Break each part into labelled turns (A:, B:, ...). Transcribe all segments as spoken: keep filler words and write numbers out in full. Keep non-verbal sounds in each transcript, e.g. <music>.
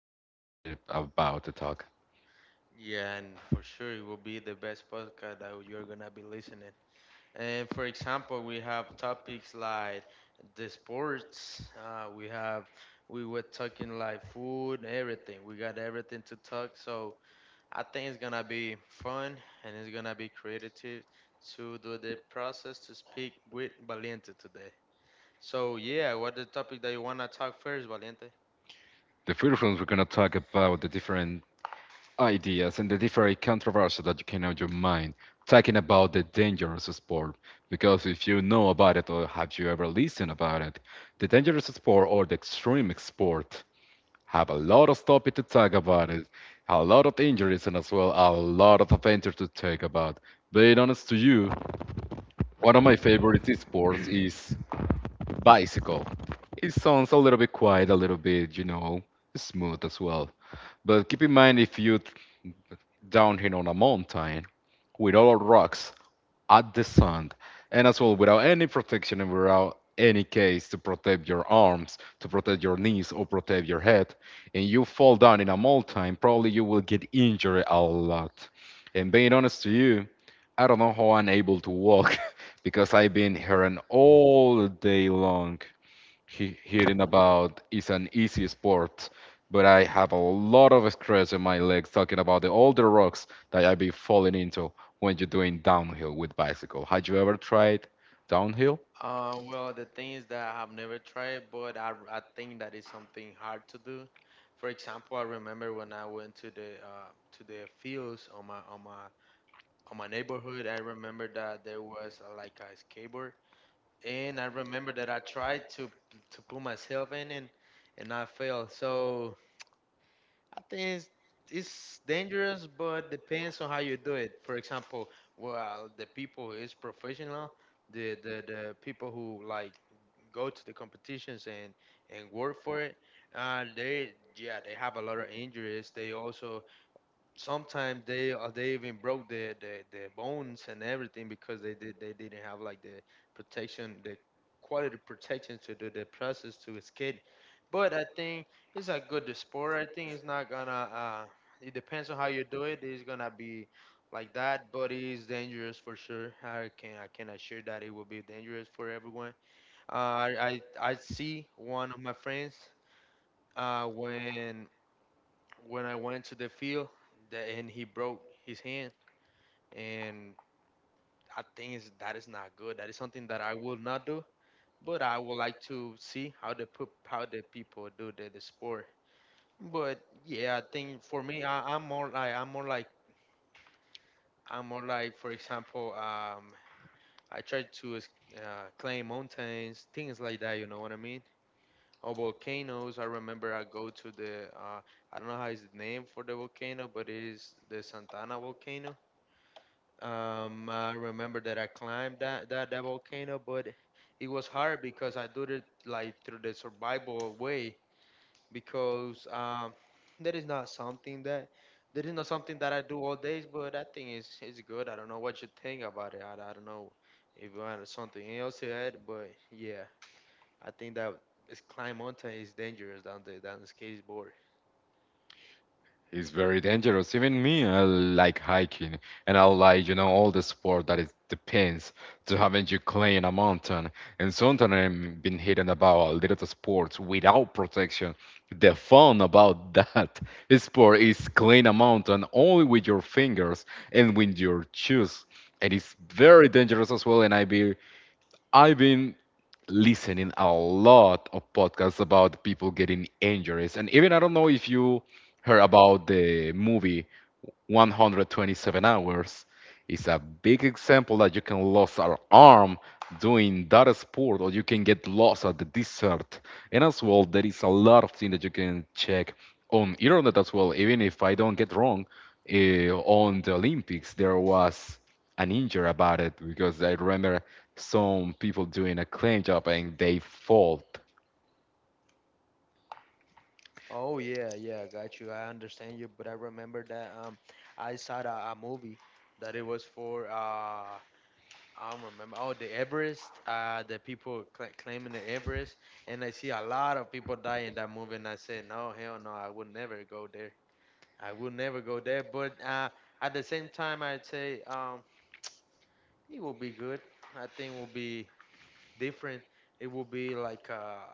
A: deep topic about to talk.
B: Yeah, and for sure it will be the best podcast that you're gonna be listening. And for example, we have topics like the sports. Uh, we have we were talking like food, everything. We got everything to talk. So I think it's gonna be fun and it's gonna be creative to do the process to speak with Valiente today. So yeah, what the topic that you wanna talk first, Valiente?
A: The first one we're gonna talk about the different ideas and the different controversies that you can have in your mind, talking about the dangerous sport. Because if you know about it or have you ever listened about it, the dangerous sport or the extreme sport have a lot of topic to talk about it, a lot of injuries and as well a lot of adventures to talk about. Being honest to you, one of my favorite sports is bicycle. It sounds a little bit quiet, a little bit, you know, smooth as well. But keep in mind if you're down here on a mountain with all rocks, at the sand, and as well without any protection and without any case to protect your arms, to protect your knees, or protect your head, and you fall down in a mold time, probably you will get injured a lot. And being honest to you, I don't know how I'm able to walk <laughs> because I've been hearing all day long he- hearing about it's an easy sport, but I have a lot of stress in my legs talking about the all the rocks that I be falling into when you're doing downhill with bicycle. Had you ever tried downhill?
B: Uh, well, the thing is that I have never tried, it, but I, I think that is something hard to do. For example, I remember when I went to the uh, to the fields on my on my on my neighborhood. I remember that there was uh like a skateboard, and I remember that I tried to to put myself in and and I failed. So I think it's, it's dangerous, but depends on how you do it. For example, well, the people who is professional, the, the the people who like go to the competitions and and work for it, uh, they yeah they have a lot of injuries. They also sometimes they uh, they even broke their, their their bones and everything because they did they didn't have like the protection the quality protection to do the process to escape, but I think it's a good sport. I think it's not gonna uh it depends on how you do it. It's gonna be like that, but it is dangerous for sure. I can i can assure that it will be dangerous for everyone. uh i i, I see one of my friends uh when when I went to the field that, and he broke his hand. And I think is that is not good. That is something that I will not do. But I would like to see how the pu- how the people do the, the sport. But yeah, I think for me, I, I'm more like I'm more like I'm more like for example, um, I try to es- uh, climb mountains, things like that. You know what I mean? Or volcanoes. I remember I go to the uh, I don't know how is the name for the volcano, but it is the Santana volcano. Um, I remember that I climbed that, that, that volcano, but it was hard because I did it like through the survival way because um, that is not something that that is not something that I do all days, but I think it's it's good. I don't know what you think about it. I, I don't know if you had something else to add, but yeah, I think that is climb mountain is dangerous than the than the skateboard.
A: It's very dangerous. Even me, I like hiking, and I like, you know, all the sport that it depends to having you climb a mountain. And sometimes I've been hearing about a little of sports without protection. The fun about that <laughs> sport is climb a mountain only with your fingers and with your shoes. And it's very dangerous as well. And I've been, I've been listening a lot of podcasts about people getting injuries. And even I don't know if you heard about the movie one twenty-seven hours is a big example that you can lose an arm doing that sport or you can get lost at the desert, and as well there is a lot of things that you can check on internet as well. Even if I don't get wrong, eh, on the Olympics there was an injury about it because I remember some people doing a clean job and they fall.
B: Oh yeah, yeah, got you. I understand you, but I remember that um I saw a, a movie that it was for uh I don't remember. Oh, the Everest. Uh, the people cla claiming the Everest, and I see a lot of people die in that movie, and I said, no, hell no, I would never go there. I will never go there. But uh, at the same time, I'd say um it will be good. I think it will be different. It will be like uh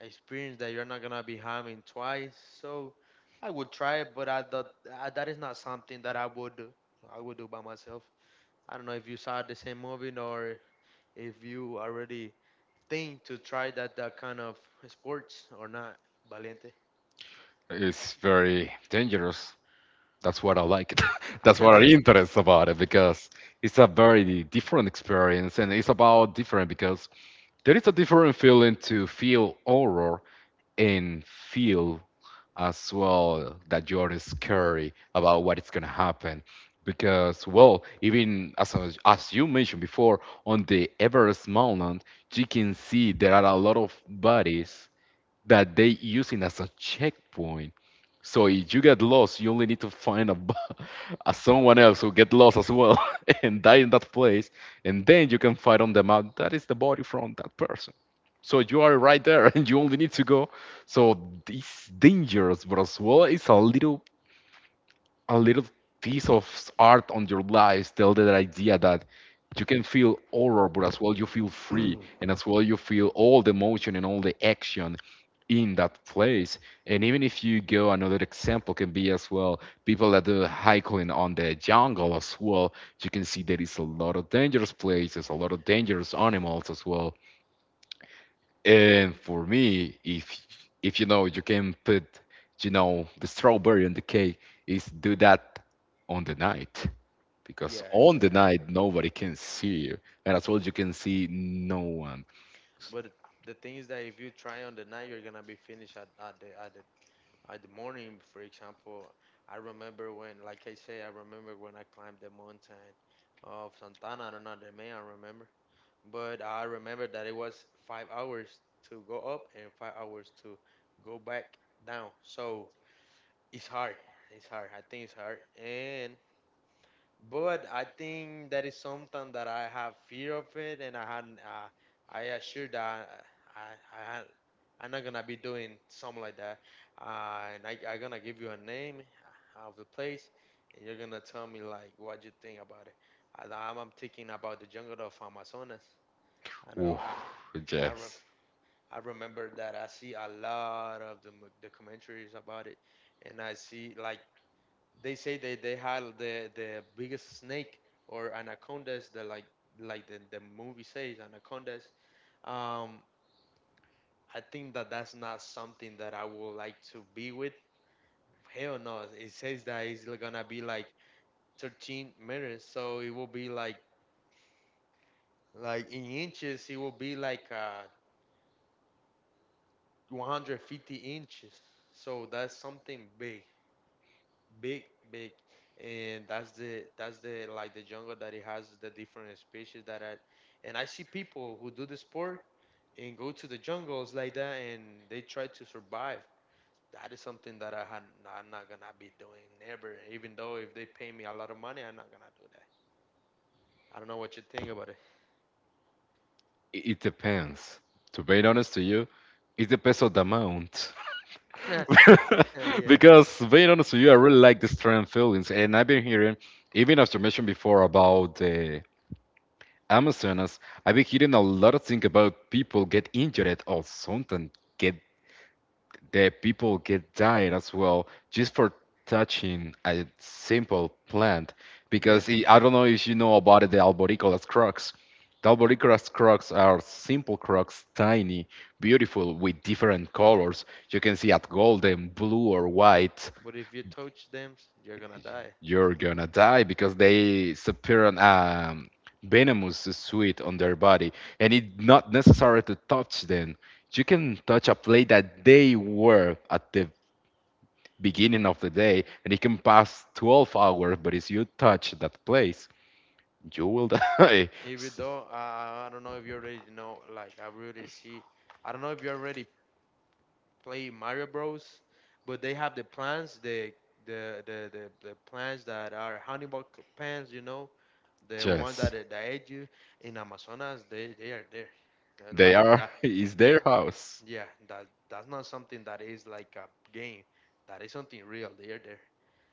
B: experience that you're not gonna be having twice. So I would try it, but I thought I, that is not something that I would do. I would do by myself. I don't know if you saw the same movie or if you already think to try that that kind of sports or not, Valiente.
A: It's very dangerous. That's what I like it. <laughs> That's what I
B: <laughs>
A: interest about it because it's a very different experience, and it's about different because there is a different feeling to feel horror and feel as well that you're scary about what is gonna happen. Because well, even as I- as you mentioned before, on the Everest mountain, you can see there are a lot of bodies that they using as a checkpoint. So if you get lost, you only need to find a, bu- <laughs> a someone else who get lost as well <laughs> and die in that place, and then you can find on the map that is the body from that person. So you are right there, <laughs> and you only need to go. So it's dangerous, but as well, it's a little a little piece of art on your life, tell that idea that you can feel horror but as well you feel free and as well you feel all the emotion and all the action in that place. And even if you go, another example can be as well people that do hiking on the jungle as well. You can see there is a lot of dangerous places, a lot of dangerous animals as well. And for me, if if you know, you can put, you know, the strawberry on the cake, is do that on the night, because
B: Yeah,
A: on
B: it's
A: the
B: hard.
A: night nobody can see you, and as well you can see no one.
B: But the thing is that if you try on the night, you're gonna be finished at, at the at the at the morning. For example, I remember when, like I say, I remember when I climbed the mountain of Santana, I don't know the main, I remember. But I remember that it was five hours to go up and five hours to go back down. So it's hard. It's hard. I think it's hard. And but I think that is something that I have fear of it, and I had uh, I assure that I I had. I'm not gonna be doing something like that, uh, and I, I'm gonna give you a name uh, of the place, and you're gonna tell me like what you think about it. I, I'm, I'm thinking about the jungle of Amazonas. I know
A: Ooh,
B: I I, re-
A: yes,
B: I remember that I see a lot of the mo- documentaries about it, and I see like they say they they had the the biggest snake or anacondas the like like the, the movie says anacondas. Um, I think that that's not something that I would like to be with. Hell no. It says that it's li- gonna be like thirteen meters, so it will be like like in inches, it will be like uh one hundred fifty inches. So that's something big, big, big. And that's the that's the like the jungle that it has the different species that are, and I see people who do the sport and go to the jungles like that, and they try to survive. That is something that i had I'm not gonna be doing never. Even though if they pay me a lot of money, I'm not gonna do that. I don't know what you think about
A: it, it depends. To be honest to you, it depends on the amount.
B: it. <laughs>
A: <laughs>
B: Yeah,
A: Because being honest with you, I really like the strength feelings, and I've been hearing, even as you mentioned before, about the Amazonas, I've been hearing a lot of things about people get injured or something get that people get died as well just for touching a simple plant.
B: yeah,
A: Because I I don't know if you know about it, the alboricolas crocs. The alboricolas crocs are simple crocs, tiny, beautiful, with different colors. You can see at golden, blue, or white.
B: but if you touch them, you're gonna die.
A: You're gonna die because they appear on um, venomous sweet on their body, and it's not necessary to touch them. You can touch a plate that they were at the beginning of the day, and it can pass twelve hours, but if you touch that place, you will die. <laughs>
B: Even though I, I don't know if you already know, like I really see, I don't know if you already play Mario Bros, but they have the plants, the the the the, the plants that are Hannibal c- plants, you know, the ones
A: Yes,
B: that that aid you in Amazonas. They they are there. They're
A: they
B: like
A: are.
B: that.
A: It's
B: They
A: their house.
B: yeah, that that's not something that is like a game. That is something real. They are there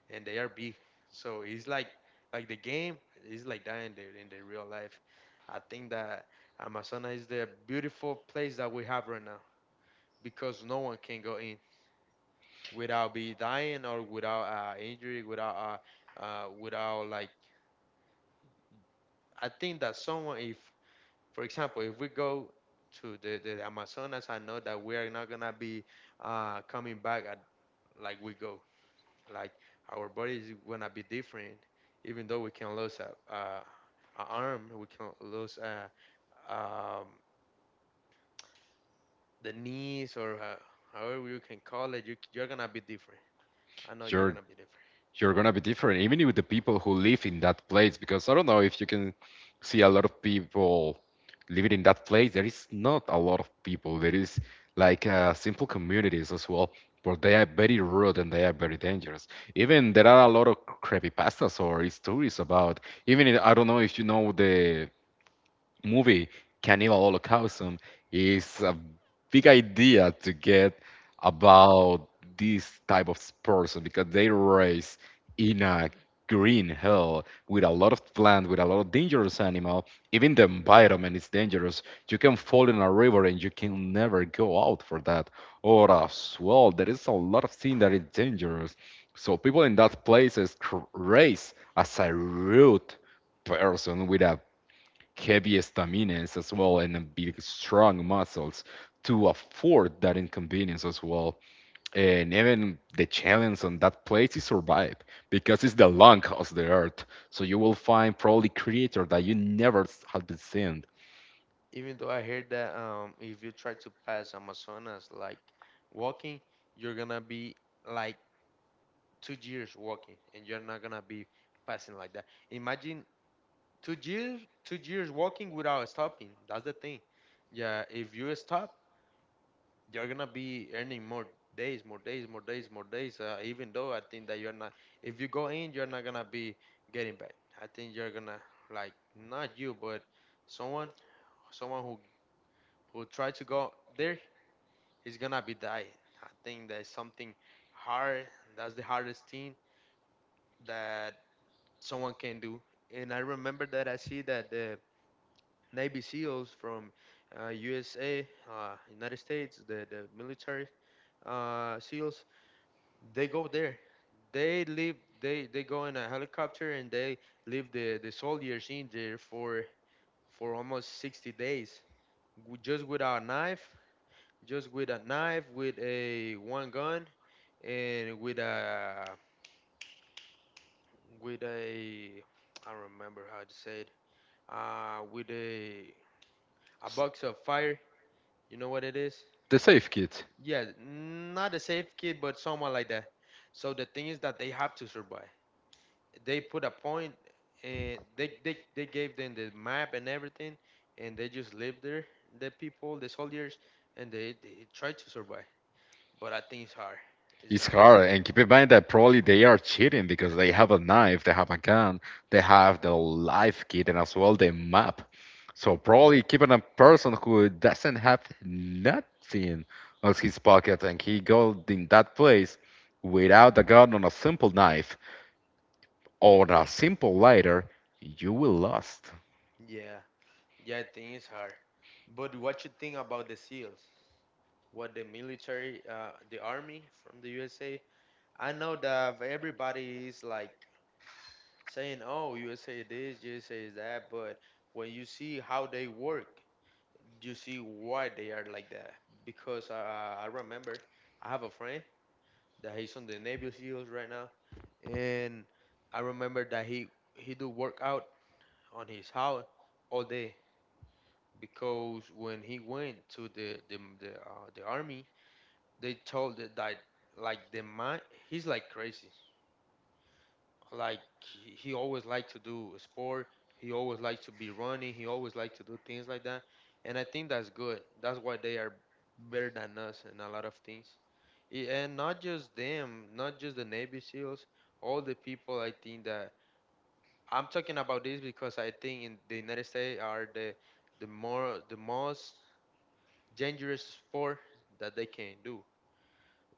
B: and they are big. So it's like like the game is like that in the in the real life. I think that Amazonas is the beautiful place that we have right now because no one can go in without be dying or without uh, injury, without uh, uh, without like. I think that someone, if for example, if we go to the, the Amazonas, I know that we are not gonna be uh, coming back at, like we go. Like our body is gonna be different, even though we can lose a, uh, a arm, we can lose uh um, the knees or uh, however you can call it. You, you're gonna be different. I know you're
A: You're
B: gonna be different.
A: you're gonna be different, even with the people who live in that place. Because I don't know if you can see a lot of people living in that place. There is not a lot of people. There is like uh, simple communities as well, but they are very rude and they are very dangerous. Even there are a lot of creepypastas or stories about. Even in, I don't know if you know the movie Cannibal Holocausm is a big idea to get about this type of person because they raise in a green hell with a lot of plant with a lot of dangerous animal. Even the environment is dangerous. You can fall in a river and you can never go out for that, or as well there is a lot of thing that is dangerous. So people in that places cr- raise as a rude person with a heavy staminas as well, and uh, big strong muscles to afford that inconvenience as well. And even the challenge on that place is survive, because it's the lung of the earth. So you will find probably creature that you never s- had been seen.
B: Even though I heard that um, if you try to pass Amazonas like walking, you're gonna be like two years walking, and you're not gonna be passing like that. Imagine two years, two years walking without stopping. That's the thing. Yeah, if you stop, you're gonna be earning more days, more days, more days, more days. Uh, even though I think that you're not, if you go in, you're not gonna be getting back. I think you're gonna like not you, but someone, someone who who tried to go there is gonna be dying. I think that's something hard. That's the hardest thing that someone can do. And I remember that I see that the Navy SEALs from uh, U S A, uh, United States, the the military uh, SEALs, they go there. they leave they they go in a helicopter, and they leave the the soldiers in there for for almost sixty days, w- just with a knife, just with a knife with a one gun, and with a with a I don't remember how to say it, uh with a a box of fire, you know what it is.
A: The safe kit
B: Yeah, not a safe kid, but someone like that. So the thing is that they have to survive. They put a point, and they, they they gave them the map and everything, and they just lived there, the people the soldiers, and they, they tried to survive. But I think it's hard. It's
A: is
B: not gonna
A: hard, and keep in mind that probably they are cheating because they have a knife, they have a gun, they have the life kit and as well the map. So probably keeping a person who doesn't have nothing on his pocket and he goes in that place without a gun on a simple knife or a simple lighter, you will lost.
B: yeah, yeah, I think it's hard. But what you think about the seals, what the military uh, the army from the USA? I know that everybody is like saying, oh, USA this, USA is that, but when you see how they work, you see why they are like that. Because I, I remember I have a friend that he's on the Navy SEALs right now, and I remember that he he do work out on his house all day. Because when he went to the the the, uh, the army, they told it that like like, the mind he's like crazy. Like he he always liked to do a sport. He always liked to be running. He always liked to do things like that, and I think that's good. That's why they are better than us in a lot of things. I- And not just them, not just the Navy SEALs, all the people. I think that I'm talking about this because I think in the United States are the the more the most dangerous sport that they can do.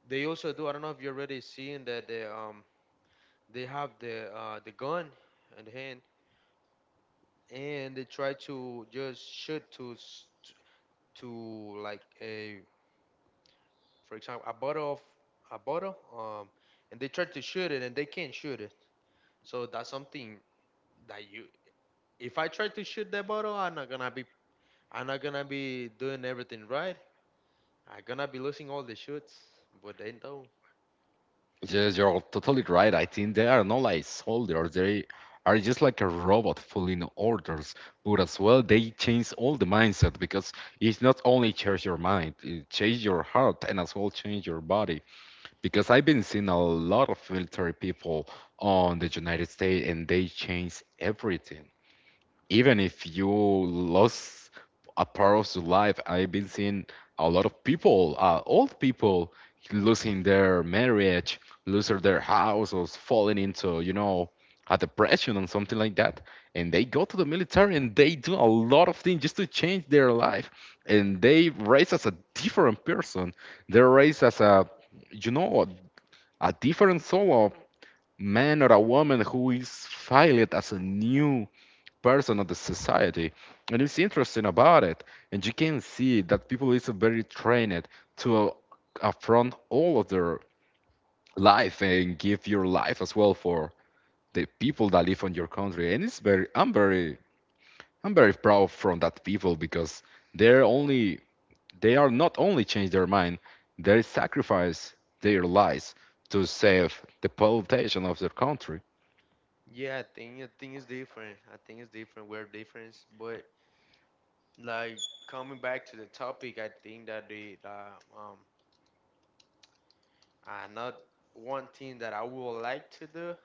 B: They also do. I don't know if you already seen that they um they have the uh the gun and hand and they try to just shoot to s- t- to like a for example a bottle of a bottle um and they try to shoot it and they can't shoot it, so that's something that you. If I try to shoot that bottle, i'm not gonna be I'm not gonna be doing everything right. I'm gonna be losing all the shoots, but they don't.
A: Yes, you're totally right. I think they are not like soldiers. They are just like a robot following orders. But as well, they change all the mindset because it's not only change your mind, it change your heart and as well change your body. Because I've been seeing a lot of military people on the United States and they change everything. Even if you lost a part of your life, I've been seeing a lot of people, uh, old people, losing their marriage, losing their house, or falling into, you know, a depression and something like that. And they go to the military and they do a lot of things just to change their life. And they raise as a different person. They're raised as a, you know, a different soul of man or a woman who is filed as a new person of the society, and it's interesting about it. And you can see that people is very trained to uh, affront all of their life and give your life as well for the people that live on your country. And it's very, I'm very, I'm very proud from that people because they're only they are not only change their mind, they sacrifice their lives to save the population of their country.
B: Yeah, i think i think it's different. I think It's different. We're different. But, like, coming back to the topic, I think that the uh, um Another one thing that I would like to do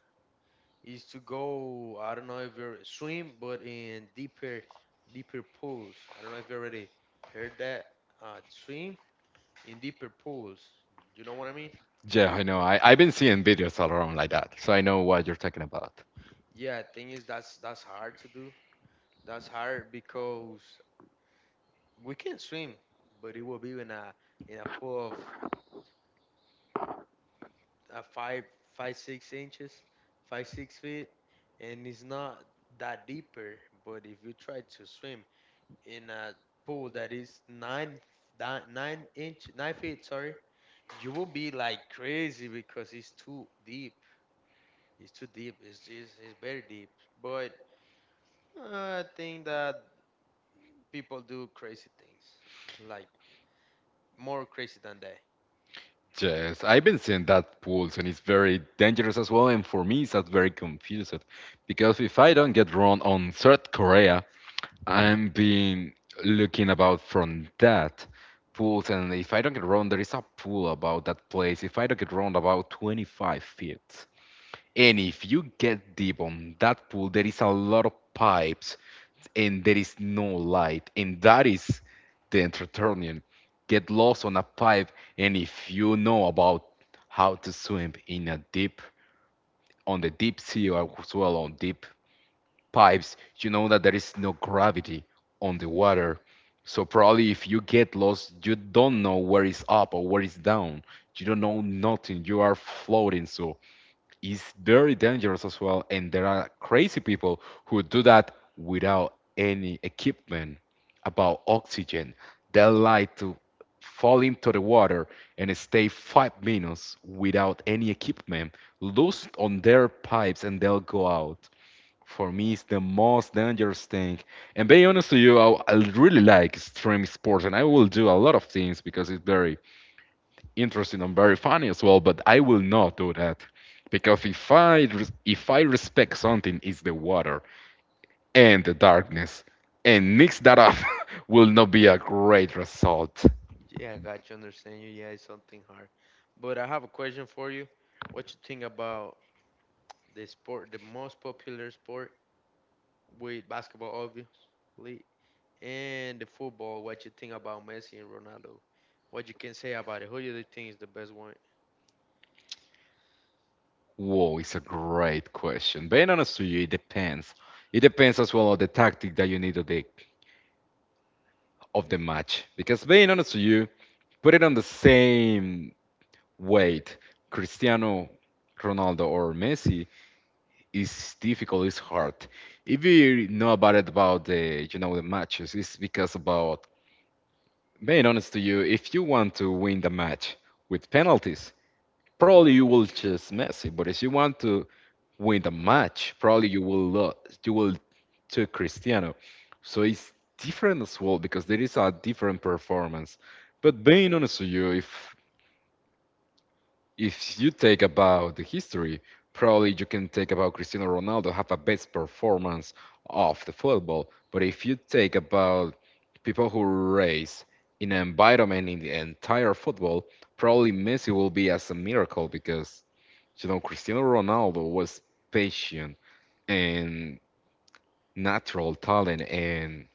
B: is to go. I don't know if you are swim, but in deeper, deeper pools. I don't know if you already heard that. Uh, swim in deeper pools. You know what I mean?
A: Yeah, I know. I, I've been seeing videos all around like that, so I know what you're talking about.
B: Yeah, thing is, that's that's hard to do. That's hard because we can swim, but it will be in a in a pool of uh, five five six inches, five six feet, and it's not that deeper. But if you try to swim in a pool that is nine di- nine inch nine feet, sorry, you will be like crazy because it's too deep. It's too deep. It's, it's, it's very deep. But, uh, I think that people do crazy things, like more crazy than that.
A: Yes, I've been seeing that pulse, and it's very dangerous as well. And for me, that's very confused because if I don't get wrong on South Korea, I'm being looking about from that pulse, and if I don't get wrong, there is a pool about that place. If I don't get wrong, about twenty-five feet. And if you get deep on that pool, there is a lot of pipes and there is no light. And that is the entertainment. Get lost on a pipe, and if you know about how to swim in a deep, on the deep sea or as well on deep pipes, you know that there is no gravity on the water. So probably if you get lost, you don't know where is up or where is down. You don't know nothing. You are floating. So is very dangerous as well. And there are crazy people who do that without any equipment about oxygen. They like to fall into the water and stay five minutes without any equipment, loose on their pipes, and they'll go out. For me, it's the most dangerous thing. And being honest to you, I, I really like extreme sports, and I will do a lot of things because it's very interesting and very funny as well. But I will not do that because if I if I respect something, it's the water and the darkness, and mix that up <laughs> will not be a great result.
B: Yeah, I got you. Understand you. Yeah, it's something hard, but I have a question for you. What you think about the sport, the most popular sport, with basketball obviously, and the football? What you think about Messi and Ronaldo? What you can say about it? Who do you think is the best one?
A: Whoa, it's a great question. Being honest to you, it depends. It depends as well on the tactic that you need of the of the match. Because being honest to you, put it on the same weight, Cristiano Ronaldo or Messi, it's difficult, it's hard. If you know about it about the you know the matches, it's because about being honest to you, if you want to win the match with penalties, probably you will choose Messi. But if you want to win the match, probably you will lo- you will to Cristiano. So it's different as well because there is a different performance. But being honest to you, if If you take about the history, probably you can take about Cristiano Ronaldo have a best performance of the football. But if you take about people who race in an environment in the entire football, probably Messi will be as a miracle because you know Cristiano Ronaldo was patient and natural talent, and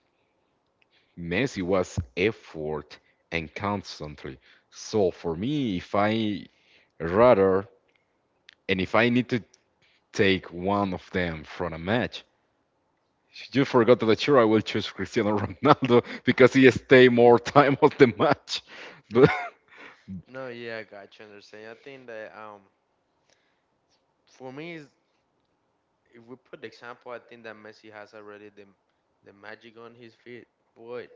A: Messi was effort and constantly. So for me, if I rather and if I need to take one of them from a match. You forgot that sure I will choose Cristiano <laughs> Ronaldo because he stay more time of the match. But
B: <laughs> No, yeah, I got you. Understand? I think that, um, for me, is, if we put the example, I think that Messi has already the the magic on his feet. But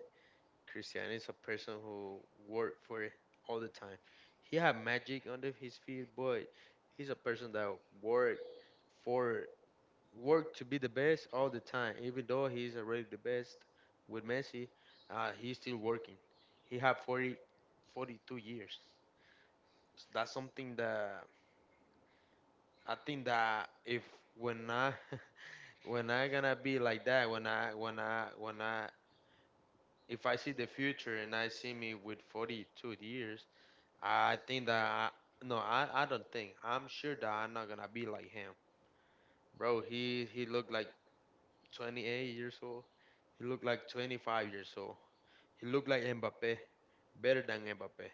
B: Cristiano is a person who worked for it all the time. He had magic under his feet, but he's a person that worked for, work to be the best all the time. Even though he's already the best with Messi, uh, he's still working. He had forty, forty-two years. So that's something that. I think that if, when I <laughs> when I gonna be like that, when I when I when I if I see the future and I see me with forty-two years, I think that I, no, I, I don't think, I'm sure that I'm not gonna be like him, bro. He he looked like twenty-eight years old. He looked like twenty-five years old. He looked like Mbappe, better than Mbappe.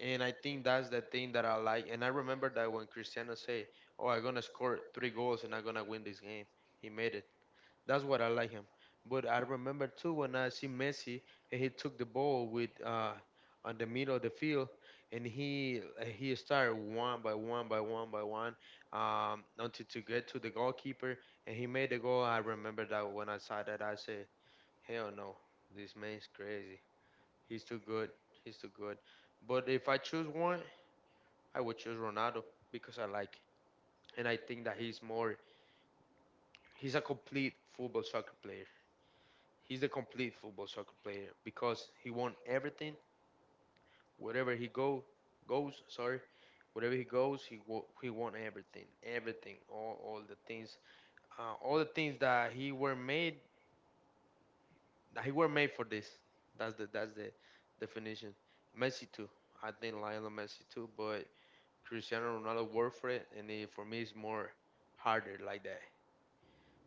B: And I think that's the thing that I like. And I remember that when Cristiano said, "Oh, I'm gonna score three goals and I'm gonna win this game," he made it. That's what I like him. But I remember too when I see Messi and he took the ball with uh on the middle of the field and he uh, he started one by one by one by one um until to get to the goalkeeper and he made the goal. I remember that when I saw that, I said, hell no, this man's crazy. He's too good. He's too good. But if I choose one, I would choose Ronaldo because I like, and I think that he's more he's a complete football soccer player. He's a complete football soccer player because he won everything. Wherever he go goes, sorry, wherever he goes, he wo- he won everything, everything, all, all the things, uh, all the things that he were made, that he were made for this. That's the that's the definition. Messi too, I think Lionel Messi too, but Cristiano Ronaldo worked for it, and it, for me it's more harder like that.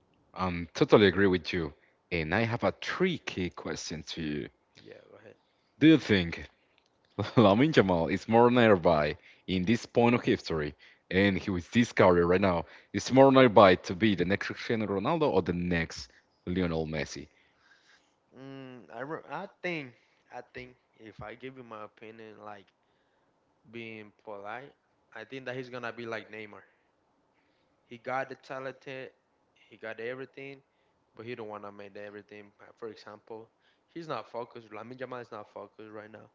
A: <laughs> I'm totally agree with you. And I have a tricky question to you.
B: Yeah, go ahead.
A: Do you think <laughs> Lamin Jamal is more nearby in this point of history and he with this career right now is more nearby to be the next Cristiano Ronaldo or the next Lionel Messi?
B: Mm, I re- I think I think if I give you my opinion, like being polite, I think that he's gonna be like Neymar. He got the talent, he got everything, but he don't wanna make the everything. Uh, For example, he's not focused. Lamine Yamal is not focused right now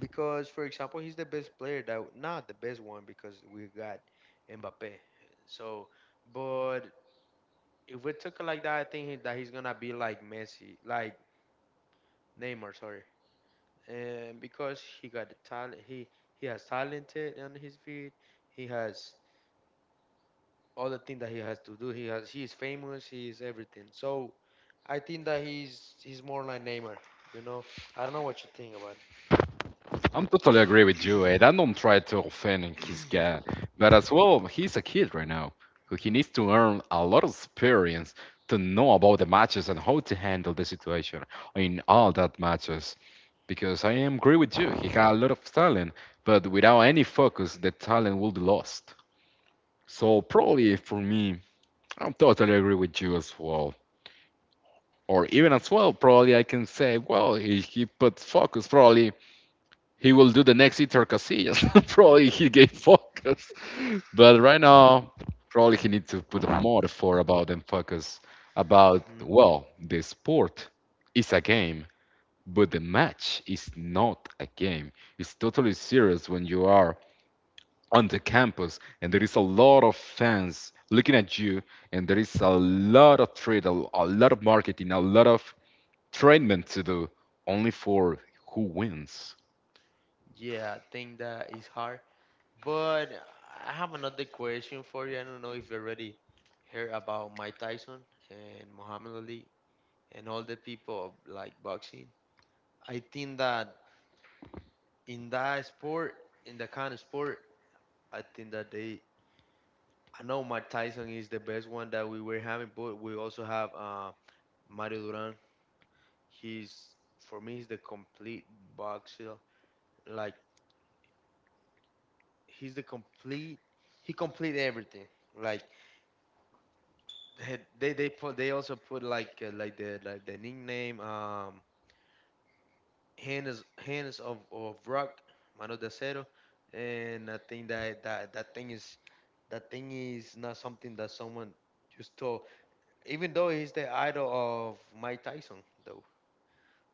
B: because, for example, he's the best player, that not the best one, because we got Mbappe. So, but if we took it like that, I think he, that he's gonna be like Messi, like Neymar, sorry, and because he got the talent, he he has talented on his feet. He has all the thing that he has to do. He has, he is famous. He is everything. So I think that he's he's more like Neymar. You know, I don't know what you think about
A: I'm totally agree with you, and I don't try to offend his guy, but as well, he's a kid right now, who he needs to earn a lot of experience to know about the matches and how to handle the situation in all that matches. Because I am agree with you, he got a lot of talent, but without any focus, the talent will be lost. So probably for me, I'm totally agree with you as well. Or even as well, probably I can say, well, if he put focus, probably he will do the next Itor Casillas. <laughs> probably he gave focus, but right now probably he needs to put more effort about and focus about
B: it. Mm,
A: well the sport is a game, but the match is not a game. It's totally serious when you are on the campus and there is a lot of fans looking at you and there is a lot of trade, a, a lot of marketing, a lot of treatment to do only for who wins.
B: yeah, I think that is hard. But I have another question for you. I don't know if you already heard about Mike Tyson and Muhammad Ali and all the people of, like, boxing. I think that in that sport, in that kind of sport, I think that they. I know Mike Tyson is the best one that we were having, but we also have uh, Mario Duran. He's For me, he's the complete boxer. Like, he's the complete he complete everything. Like, they they they put they also put like, uh, like the, like the nickname um hands hands of of rock, mano de acero. And I think that that that thing is, that thing is not something that someone just told. Even though he's the idol of Mike Tyson, though,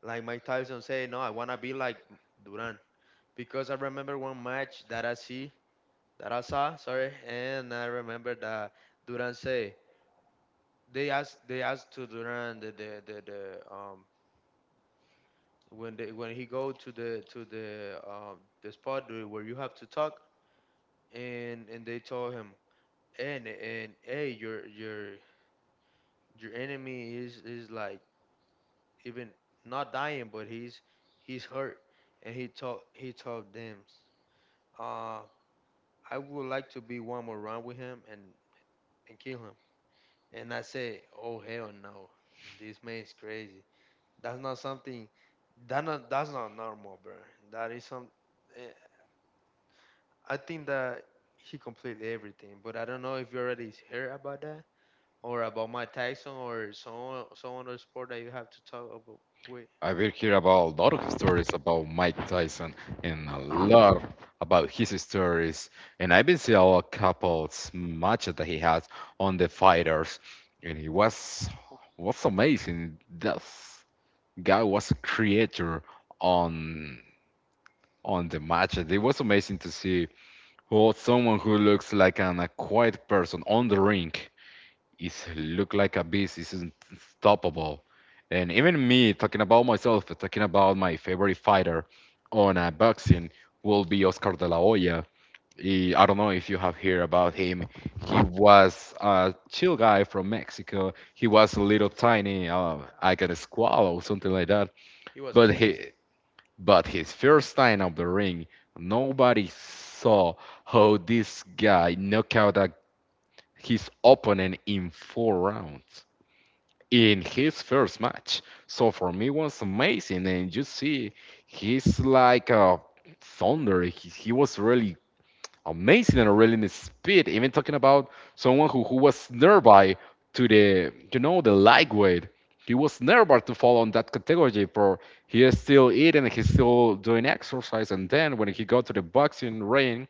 B: like Mike Tyson say, no, I wanna be like Duran, because I remember one match that I see that I saw, sorry, and I remember that Duran say, they asked they asked to Duran the the, the, the um when they when he go to the, to the um the spot, the- where you have to talk, and and they told him, and and, hey, your your your enemy is is like even, not dying, but he's he's hurt. And he told he told them, uh I would like to be one more round with him and and kill him. And I say, oh hell no, this man is crazy. That's not something. That not that's not normal, bro. That is some. eh, I think that he completed everything, but I don't know if you already heard about that or about Mike Tyson or someone, someone other sport that you have to talk about. Wait,
A: I will hear about a lot of stories about Mike Tyson and a lot about his stories. And I've been seeing a couple matches that he has on the fighters, and he was was amazing. That guy was a creator on on the matches. It was amazing to see who someone who looks like an a quiet person on the ring. He's look like a beast. He's unstoppable. And even me talking about myself, talking about my favorite fighter on uh, boxing will be Oscar De La Hoya. He, I don't know if you have heard about him. He was a chill guy from Mexico. He was a little tiny. Uh, I got a squall or something like that.
B: he was a
A: But
B: beast.
A: he, but his first time of the ring, nobody saw how this guy knocked out a, his opponent in four rounds in his first match. So for me, it was amazing. And you see, he's like a thunder. He, he was really amazing and really in his speed. Even talking about someone who, who was nearby to the, you know, the lightweight. He was nearby to fall on that category for he is still eating, he's still doing exercise, and then when he got to the boxing ring,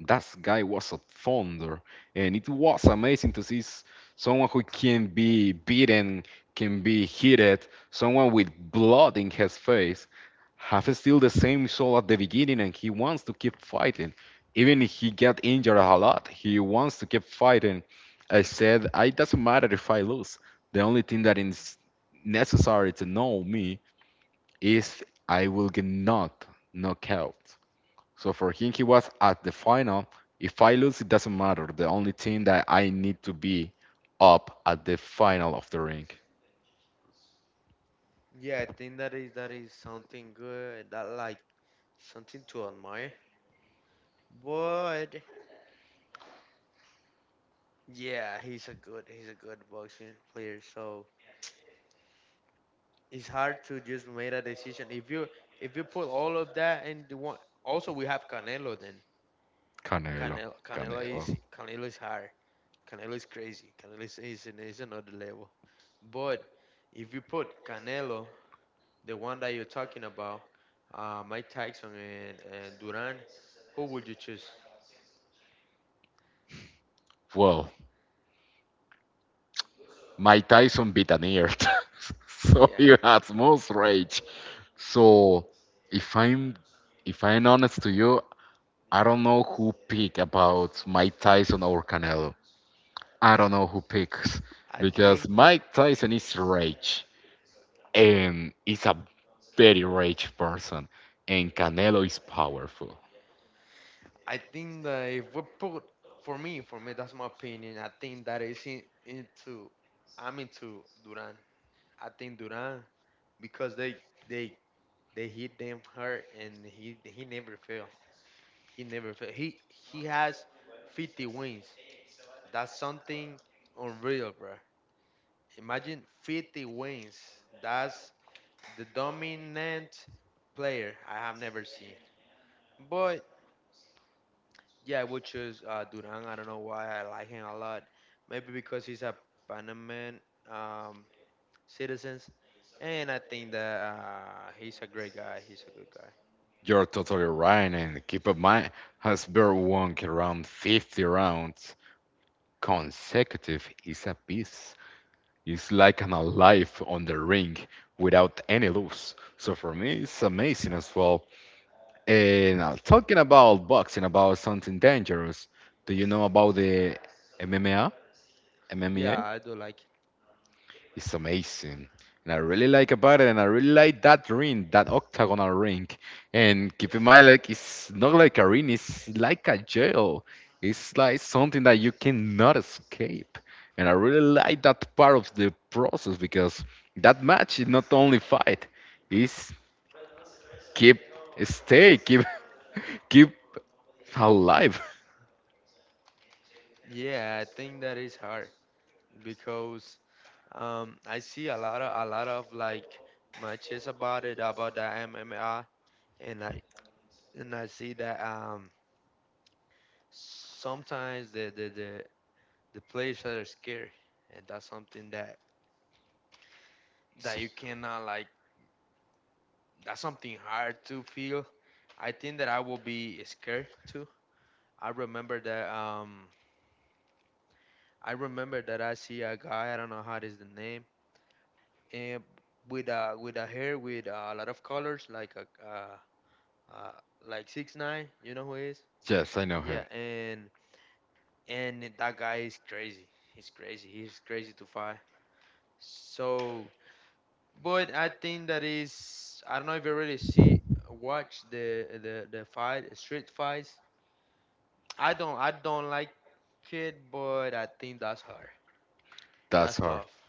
A: that guy was a thunder, and it was amazing to see s- someone who can be beaten, can be hit, someone with blood in his face, have still the same soul at the beginning, and he wants to keep fighting. Even if he get injured a lot, he wants to keep fighting. I said, I it doesn't matter if I lose. The only thing that is necessary to know me is I will get not knocked out. So for him, he was at the final. If I lose, it doesn't matter. The only thing that I need to be up at the final of the ring.
B: Yeah, I think that is, that is something good. That, like, something to admire. But yeah, he's a good, he's a good boxing player. So it's hard to just make a decision. If you, if you put all of that and you want, also we have Canelo. Then
A: Canelo,
B: Canelo, Canelo
A: Canelo.
B: is, Canelo is hard. Canelo is crazy. Canelo is is, an- is another level. But if you put Canelo, the one that you're talking about, uh, Mike Tyson, and, and Duran, who would you choose?
A: Well, Mike Tyson beat an ear, <laughs> so
B: Yeah,
A: he has most rage. So if I'm if I'm honest to you, I don't know who pick about Mike Tyson or Canelo. I don't know who picks
B: I
A: because
B: think
A: Mike Tyson is rage. And is a very rich person, and Canelo is powerful.
B: I think that if we put, for me, for me that's my opinion. I think that is in, into, I'm into Duran. I think Duran because they they they hit them hard, and he he never fail. He never fail. He he has fifty wins. That's something unreal, bro. Imagine fifty wins. That's the dominant player I have never seen. But yeah, I would choose, uh, Duran. I don't know why I like him a lot. Maybe because he's a Panaman, um, citizen, and I think that, uh, he's a great guy. He's a good guy.
A: You're totally right, and keep in mind, Hasbro won around fifty rounds consecutive is a beast. It's like an alive on the ring without any loss. So for me, it's amazing as well. And uh, talking about boxing, about something dangerous, do you know about the M M A? M M A?
B: Yeah, I do like.
A: It's amazing. And I really like about it, and I really like that ring, that octagonal ring. And keep in mind, like it's not like a ring, it's like a jail. It's like something that you cannot escape. And I really like that part of the process because that match is not only fight, it's keep stay, keep <laughs> keep alive.
B: Yeah, I think that is hard because, um, I see a lot of a lot of like matches about it, about the M M A, and I and I see that, um, sometimes the the the, the players are scared, and that's something that, that you cannot like. That's something hard to feel. I think that I will be scared too. I remember that, um, I remember that I see a guy. I don't know how is the name. eh, with a, with a hair with a lot of colors, like a, uh, uh, like six nine. You know who he is?
A: Yes, I know him.
B: Yeah, and and that guy is crazy. He's crazy. He's crazy to fight. So, but I think that is, I don't know if you really see watch the the the fight, street fights. I don't I don't like it, but I think that's hard.
A: That's
B: That's
A: her.
B: tough.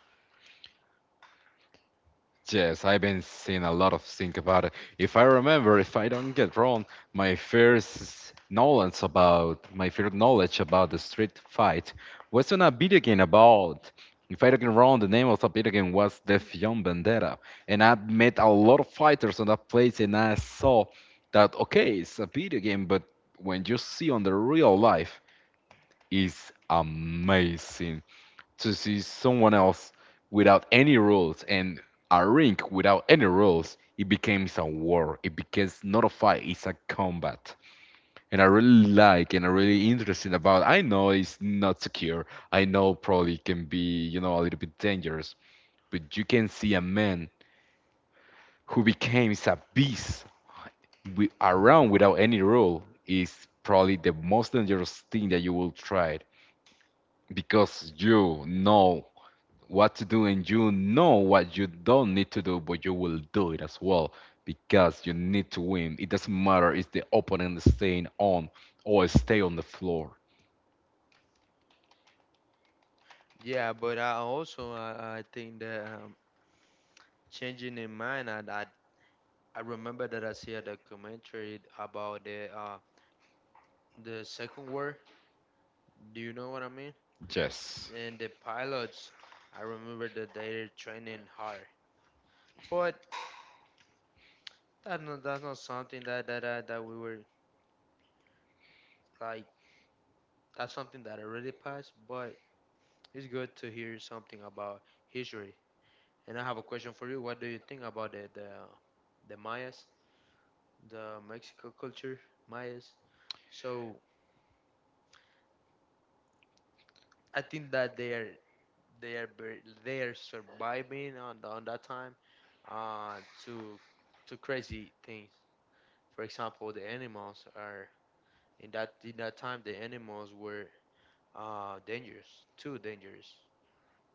A: Yes, I've been seeing a lot of think about it. If I remember, if I don't get wrong, my first knowledge about my first knowledge about the street fight was on a video game about. If I don't get wrong, the name of the video game was Def Young Vendetta, and I met a lot of fighters on that place, and I saw that okay, it's a video game, but when you see on the real life, it's amazing to see someone else without any rules and a ring without any rules, it becomes a war. It becomes not a fight, it's a combat. And I really like and I really interested about I know it's not secure. I know probably can be, you know, a little bit dangerous, but you can see a man who becomes a beast wi- around without any rule is probably the most dangerous thing that you will try because you know what to do and you know what you don't need to do, but you will do it as well because you need to win. It doesn't matter if the opponent is staying on or stay on the floor.
B: Yeah, but I also, I, I think that, um, changing in mind, I, I I remember that I see a documentary about the uh, the second war. Do you know what I mean?
A: Yes.
B: And the pilots, I remember that they're training hard, but that's not, that's not something that that that, that we were like. That's something that already passed, but it's good to hear something about history. And I have a question for you. What do you think about the the, the Mayas, the Mexico culture, Mayas? So I think that they are They are bur- they are surviving on the, on that time uh, to to crazy things. For example, the animals are in that in that time the animals were uh, dangerous, too dangerous,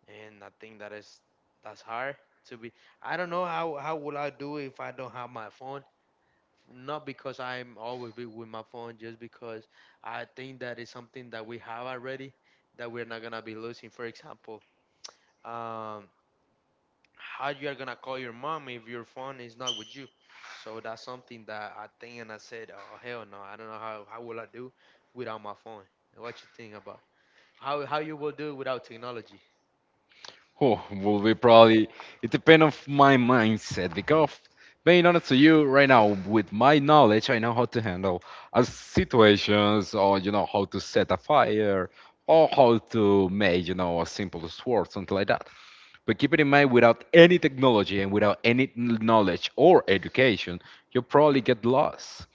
B: and I think that is that's hard to be. I don't know how how will I do if I don't have my phone. Not because I'm always be with my phone, just because I think that is something that we have already that we're not gonna be losing. For example, um, how you're gonna call your mom if your phone is not with you. So that's something that I think, and I said, oh hell no, I don't know how how will I do without my phone. What you think about how how you will do without technology
A: Oh, will be probably it depends on my mindset because being honest to you right now with my knowledge I know how to handle uh, situations or you know how to set a fire or how to make you know a simple sword something like that. But keep it in mind, without any technology and without any knowledge or education, you'll probably get lost.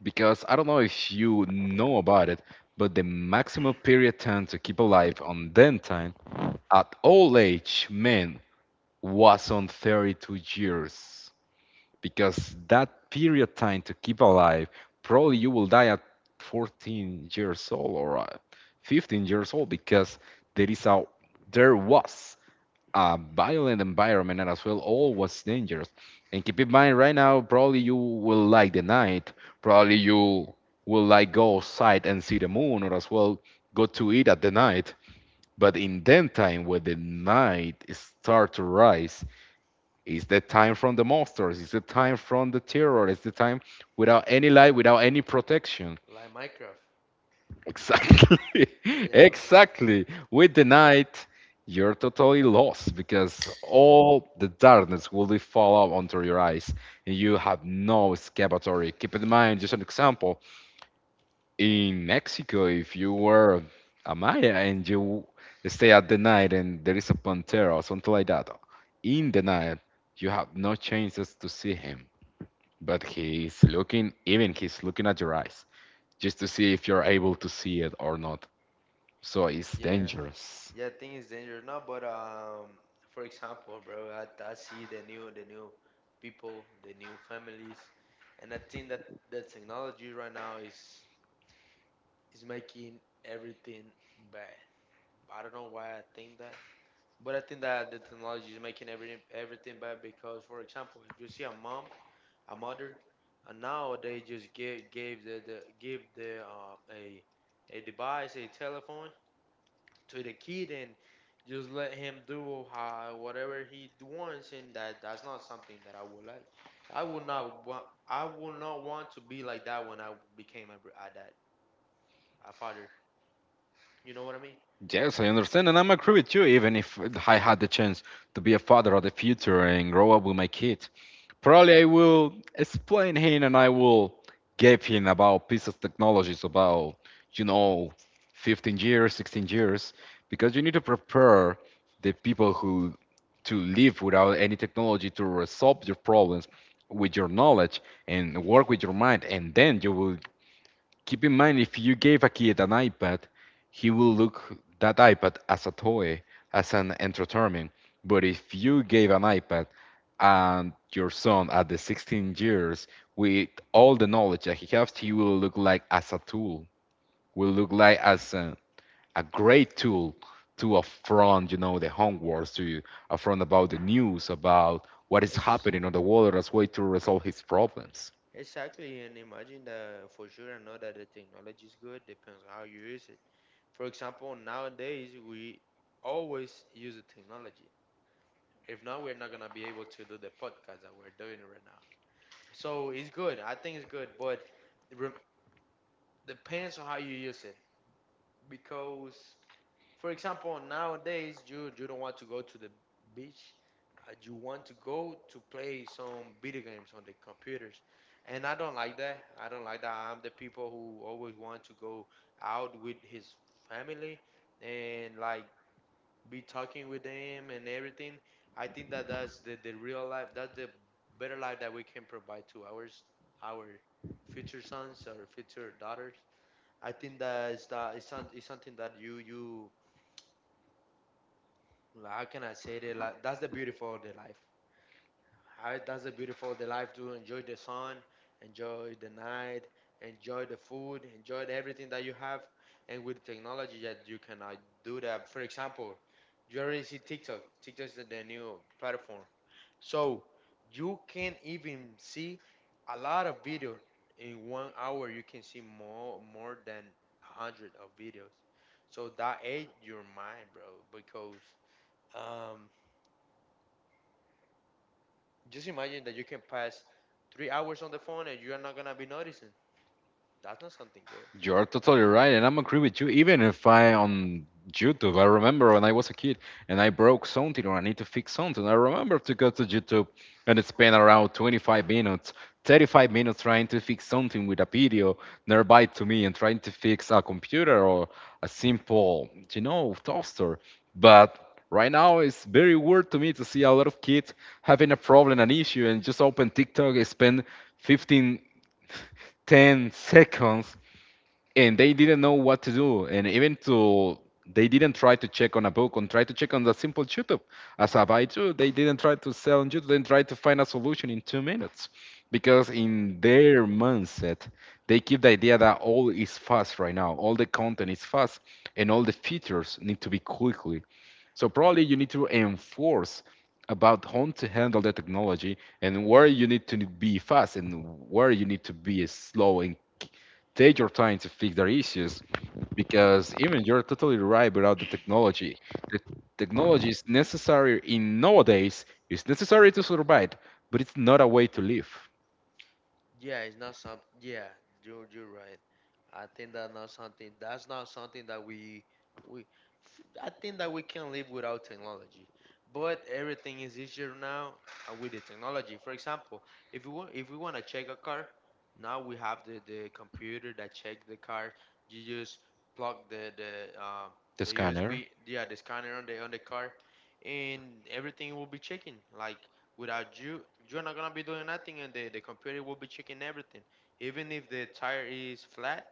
A: Because I don't know if you know about it, but the maximum period time to keep alive on then time at old age men was on thirty-two years. Because that period time to keep alive, probably you will die at fourteen years old or uh, fifteen years old because there is a there was a violent environment and as well always dangerous. And keep in mind right now probably you will like the night, probably you will like go outside and see the moon or as well go to eat at the night. But in that time when the night start to rise, is the time from the monsters, is the time from the terror, is the time without any light, without any protection.
B: like Minecraft?
A: Exactly. <laughs>
B: Yeah, like-
A: Exactly. With the night, you're totally lost because all the darkness will be fall out onto your eyes and you have no escapatory. Keep in mind, just an example, in Mexico, if you were a Maya and you stay at the night and there is a pantera or something like that, in the night, you have no chances to see him. But he's looking, even he's looking at your eyes just to see if you're able to see it or not. So it's
B: yeah,
A: dangerous.
B: yeah. Thing is dangerous now, but um, for example, bro, I, I see the new the new people, the new families, and I think that the technology right now is is making everything bad. I don't know why I think that. But I think that the technology is making every, everything bad because, for example, if you see a mom, a mother, and now they just give gave the, the give the uh, a a device, a telephone to the kid, and just let him do how, whatever he wants, and that that's not something that I would like. I would not want. I would not want to be like that when I became a, br- a dad, a father. You know what I mean?
A: Yes, I understand, and I'm agree with you. Even if I had the chance to be a father of the future and grow up with my kid, probably I will explain him and I will give him about pieces of technologies about you know, fifteen years, sixteen years, because you need to prepare the people who to live without any technology to resolve your problems with your knowledge and work with your mind, and then you will keep in mind, if you gave a kid an iPad, he will look that iPad as a toy, as an entertainment. But if you gave an iPad and your son at the sixteen years, with all the knowledge that he has, he will look like as a tool, will look like as a, a great tool to affront, you know, the homeworks, to affront about the news, about what is
B: Ex-
A: happening on the world as a way to resolve his problems.
B: Exactly, and imagine that for sure. I know that the technology is good, depends on how you use it. For example, nowadays we always use the technology. If not, we're not gonna be able to do the podcast that we're doing right now. So it's good. I think it's good, but it rem- depends on how you use it. Because for example, nowadays you you don't want to go to the beach. Uh, you want to go to play some video games on the computers, and I don't like that. I don't like that. I'm the people who always want to go out with his family and like be talking with them and everything. I think that that's the, the real life. That's the better life that we can provide to ours, our future sons or future daughters. I think that is that is some- is something that you you like, how can I say that? Like, that's the beautiful of the life. How, that's the beautiful of the life. To enjoy the sun, enjoy the night, enjoy the food, enjoy the everything that you have. And with technology, that you cannot do that. For example, you already see TikTok. TikTok is the, the new platform. So you can even see a lot of video in one hour. You can see more more than a hundred of videos. So that aid your mind, bro, because um just imagine that you can pass three hours on the phone and you are not gonna be noticing. That's not something good.
A: You are totally right, and I'm agree with you. Even if I on YouTube, I remember when I was a kid and I broke something or I need to fix something. I remember to go to YouTube and spend around twenty-five minutes, thirty-five minutes trying to fix something with a video nearby to me and trying to fix a computer or a simple, you know, toaster. But right now it's very weird to me to see a lot of kids having a problem, an issue, and just open TikTok and spend fifteen ten seconds, and they didn't know what to do, and even to they didn't try to check on a book and try to check on the simple YouTube as a buy too. They didn't try to sell on YouTube. They tried to find a solution in two minutes because in their mindset they keep the idea that all is fast right now, all the content is fast, and all the features need to be quickly. So probably you need to enforce about how to handle the technology and where you need to be fast and where you need to be slow and k- take your time to fix their issues. Because even you're totally right about the technology. The technology is necessary in nowadays. It's necessary to survive, but it's not a way to live.
B: Yeah, it's not some. Yeah, you're you're right. I think that not something. That's not something that we we. f- I think that we can live without technology, but everything is easier now uh, with the technology. For example, if we want if we want to check a car, now we have the the computer that check the car. You just plug the the um,
A: The
B: the
A: scanner.
B: U S B, yeah, the scanner on the on the car, and everything will be checking. Like without you, you're not gonna be doing nothing, and the, the computer will be checking everything. Even if the tire is flat,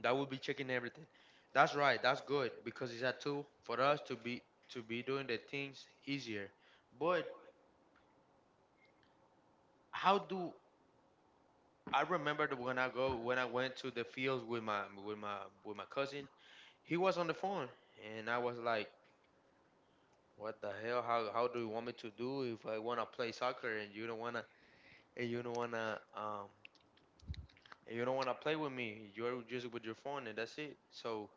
B: that will be checking everything. That's right. That's good because it's a tool for us to be to be doing the things easier. But how do I remember that when I go when I went to the fields with my with my with my cousin, he was on the phone, and I was like, "What the hell? How how do you want me to do if I wanna play soccer and you don't wanna and you don't wanna um and you don't want to play with me. You're just with your phone, and that's it." So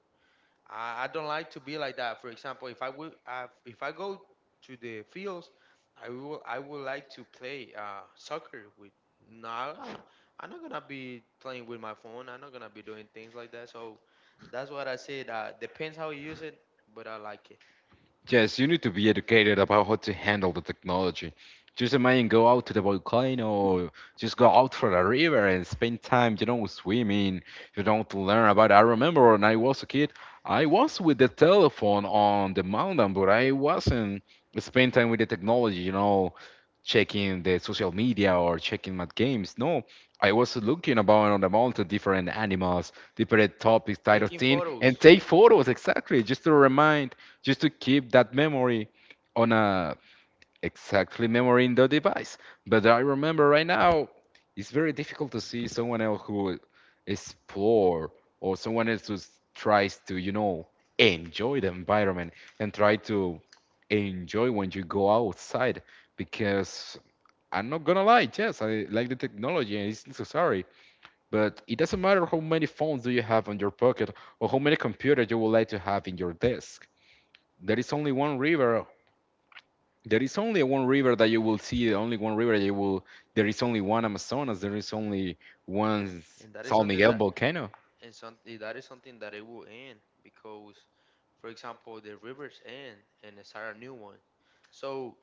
B: I, I don't like to be like that. For example, if I would, if I go to the fields, I will, I would like to play uh, soccer with. No, I'm, I'm not gonna be playing with my phone. I'm not gonna be doing things like that. So that's what I said. Uh, depends how you use it, but I like it.
A: Yes, you need to be educated about how to handle the technology. Just imagine go out to the volcano, or just go out for the river and spend time, you know, swimming. You don't learn about. I remember when I was a kid, I was with the telephone on the mountain, but I wasn't spend time with the technology. You know, checking the social media or checking my games. No, I was looking about on the mountain, different animals, different topics, type of
B: Taking
A: thing, and
B: photos,
A: take photos exactly just to remind, just to keep that memory on a exactly memory in the device. But I remember right now, it's very difficult to see someone else who explore or someone else who s- tries to, you know, enjoy the environment and try to enjoy when you go outside because I'm not gonna lie, yes, I like the technology and it's necessary, but it doesn't matter how many phones do you have on your pocket or how many computers you would like to have in your desk. There is only one river. There is only one river that you will see. Only one river you will. There is only one Amazonas. There is only one
B: and that is
A: San
B: something
A: Miguel
B: that.
A: volcano.
B: And some, eh, that is something that it will end because, for example, the rivers end and it's start a new one. So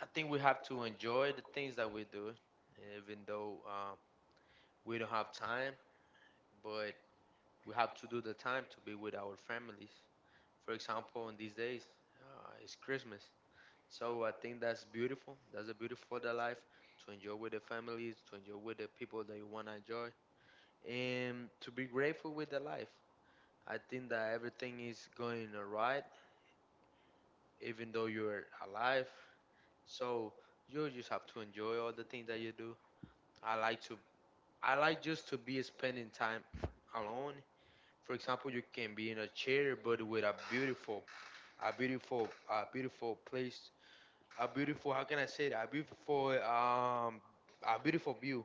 B: I think we have to enjoy the things that we do, even though um, we don't have time, but we have to do the time to be with our families. For example, in these days, uh, it's Christmas. So I think that's beautiful. That's a beautiful of the life to enjoy with the families, to enjoy with the people that you want to enjoy, and to be grateful with the life. I think that everything is going alright, even though you're alive. So you just have to enjoy all the things that you do. I like to, I like just to be spending time alone. For example, you can be in a chair, but with a beautiful, a beautiful, a beautiful place, a beautiful. How can I say that? A beautiful, um, a beautiful view.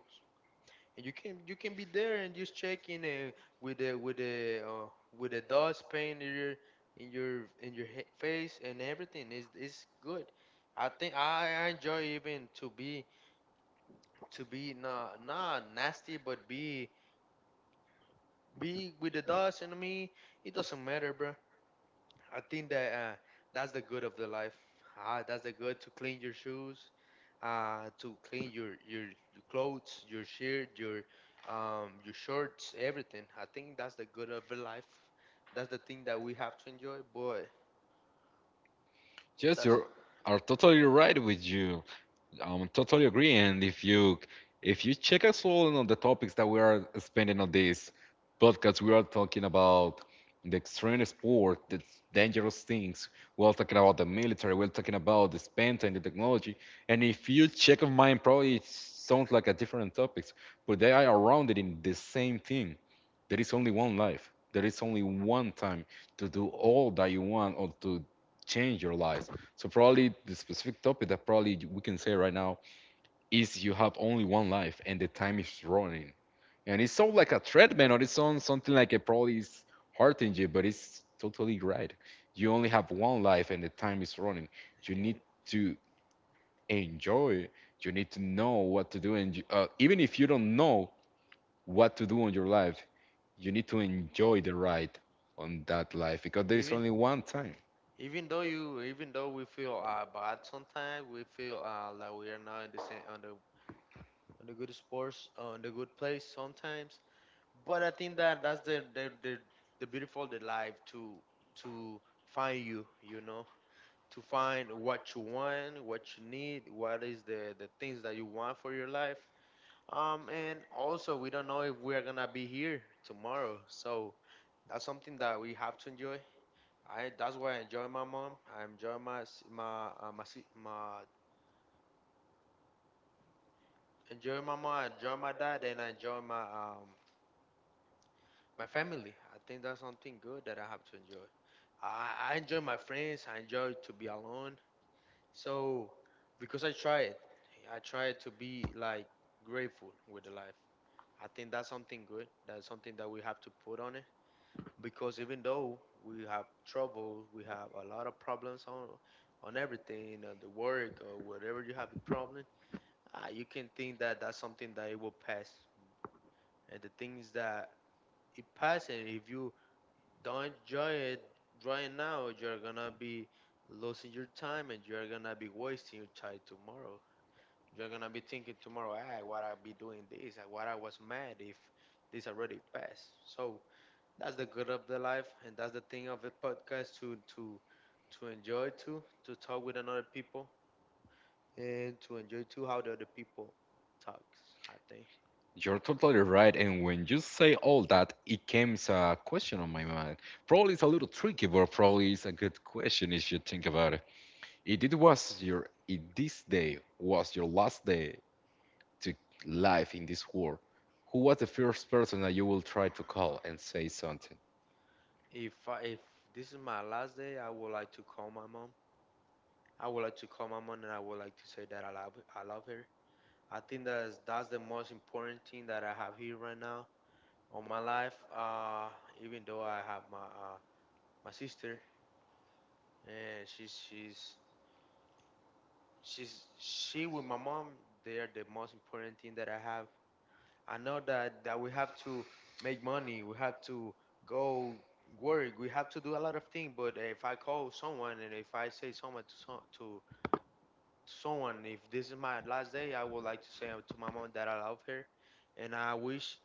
B: And you can you can be there and just checking uh, with a with a uh, with a dust paint in your in your in your he- face and everything is is good. I think I, I enjoy even to be to be not not nasty but be be with the dust and me. It doesn't matter, bro. I think that uh, that's the good of the life. Ah, that's the good to clean your shoes uh, to clean your, your your clothes, your shirt, your um, your shorts, everything. I think that's the good of the life. That's the thing that we have to enjoy, boy.
A: Yes,
B: That's
A: you are totally right with you. Um, totally agree. And if you if you check us all on the topics that we are spending on this podcast, we are talking about the extreme sport, the dangerous things. We're talking about the military. We're talking about the spent and the technology. And if you check of mine, probably it sounds like a different topics, but they are around it in the same thing. There is only one life. There is only one time to do all that you want or to change your lives. So probably the specific topic that probably we can say right now is you have only one life and the time is running. And it's so like a treadmill or it's on something like it probably is hurting you, but it's totally right. You only have one life and the time is running. You need
B: and
A: to enjoy you need to know what to do. And you, uh, even if you don't know what to do on your life, you need to enjoy the ride on that life because there is
B: even
A: only one time.
B: even though you even though we feel uh, bad sometimes, we feel uh, like we are not in the same on the on the good sports on the good place sometimes. But I think that that's the the the, the beautiful the life to to find you, you know. To find what you want, what you need, what is the the things that you want for your life. Um, and also we don't know if we're gonna be here tomorrow, so that's something that we have to enjoy. I, that's why I enjoy my mom. I enjoy my s- my uh, my si- my enjoy my mom. I enjoy my dad, and I enjoy my um my family. I think that's something good that I have to enjoy. I, I enjoy my friends. I enjoy to be alone. So because I tried, I tried to be like grateful with the life. I think that's something good. That's something that we have to put on it because even though we have trouble, we have a lot of problems on on everything, uh, the work or whatever you have the problem, ah, you can think that that's something that it will pass. And the thing is that it passes. And if you don't enjoy it right now, you're gonna be losing your time, and you're gonna be wasting your time tomorrow. You're gonna be thinking tomorrow, ah, what I be doing this, ah, what I was mad if this already passed. So that's the good of the life, and that's the thing of the podcast to to to enjoy too, to talk with another people, and to enjoy too how the other people talks. I think
A: You're totally right, and when you say all that, it came as a question on my mind. Probably it's a little tricky, but probably it's a good question if you think about it. If it was your, if this day was your last day to life in this world, who was the first person that you will try to call and say something?
B: if I, if this is my last day, I would like to call my mom. I would like to call my mom, and I would like to say that I love I love her. I think that's that's the most important thing that I have here right now all my life. Uh, even though I have my uh, my sister, and she's she's she's she with my mom, they are the most important thing that I have. I know that that we have to make money, we have to go work, we have to do a lot of things. But if I call someone and if I say someone to so, to someone, if this is my last day, I would like to say to my mom that I love her, and I wish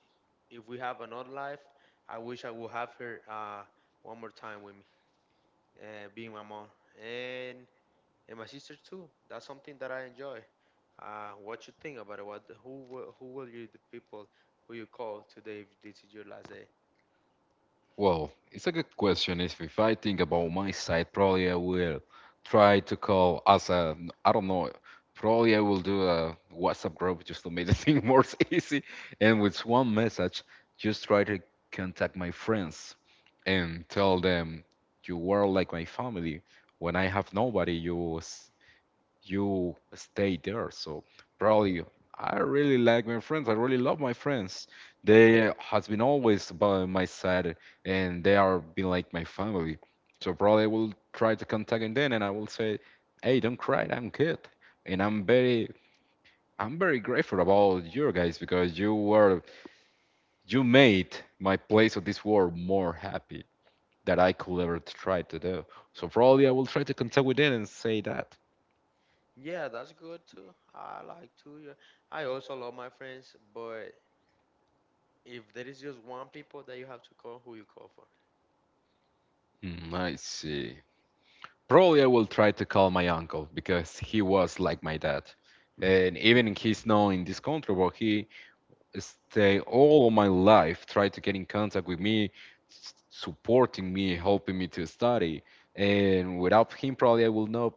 B: if we have another life, I wish I would have her uh, one more time with me. Uh, being my mom and and my sister too. That's something that I enjoy. Uh, what you think about it? What who will- who will you the people who you call today if this is your last day?
A: Well, it's a good question. If, if I think about my side, probably I will try to call as a, I don't know, probably I will do a WhatsApp group just to make the <laughs> thing more easy. And with one message, just try to contact my friends and tell them you were like my family. When I have nobody, you was you stay there. So probably I really like my friends. I really love my friends. They has been always by my side, and they are been like my family. So probably I will try to contact them, then, and I will say, "Hey, don't cry. I'm good." And I'm very, I'm very grateful about you guys because you were, you made my place of this world more happy that I could ever try to do. So probably I will try to contact with them and say that.
B: Yeah, that's good too. I like to. Yeah. I also love my friends, but if there is just one people that you have to call, who you call for?
A: Hmm, I see. Probably I will try to call my uncle because he was like my dad. And even he's not in this country, where he stay all my life try to get in contact with me, s- supporting me, helping me to study. And without him, probably I will not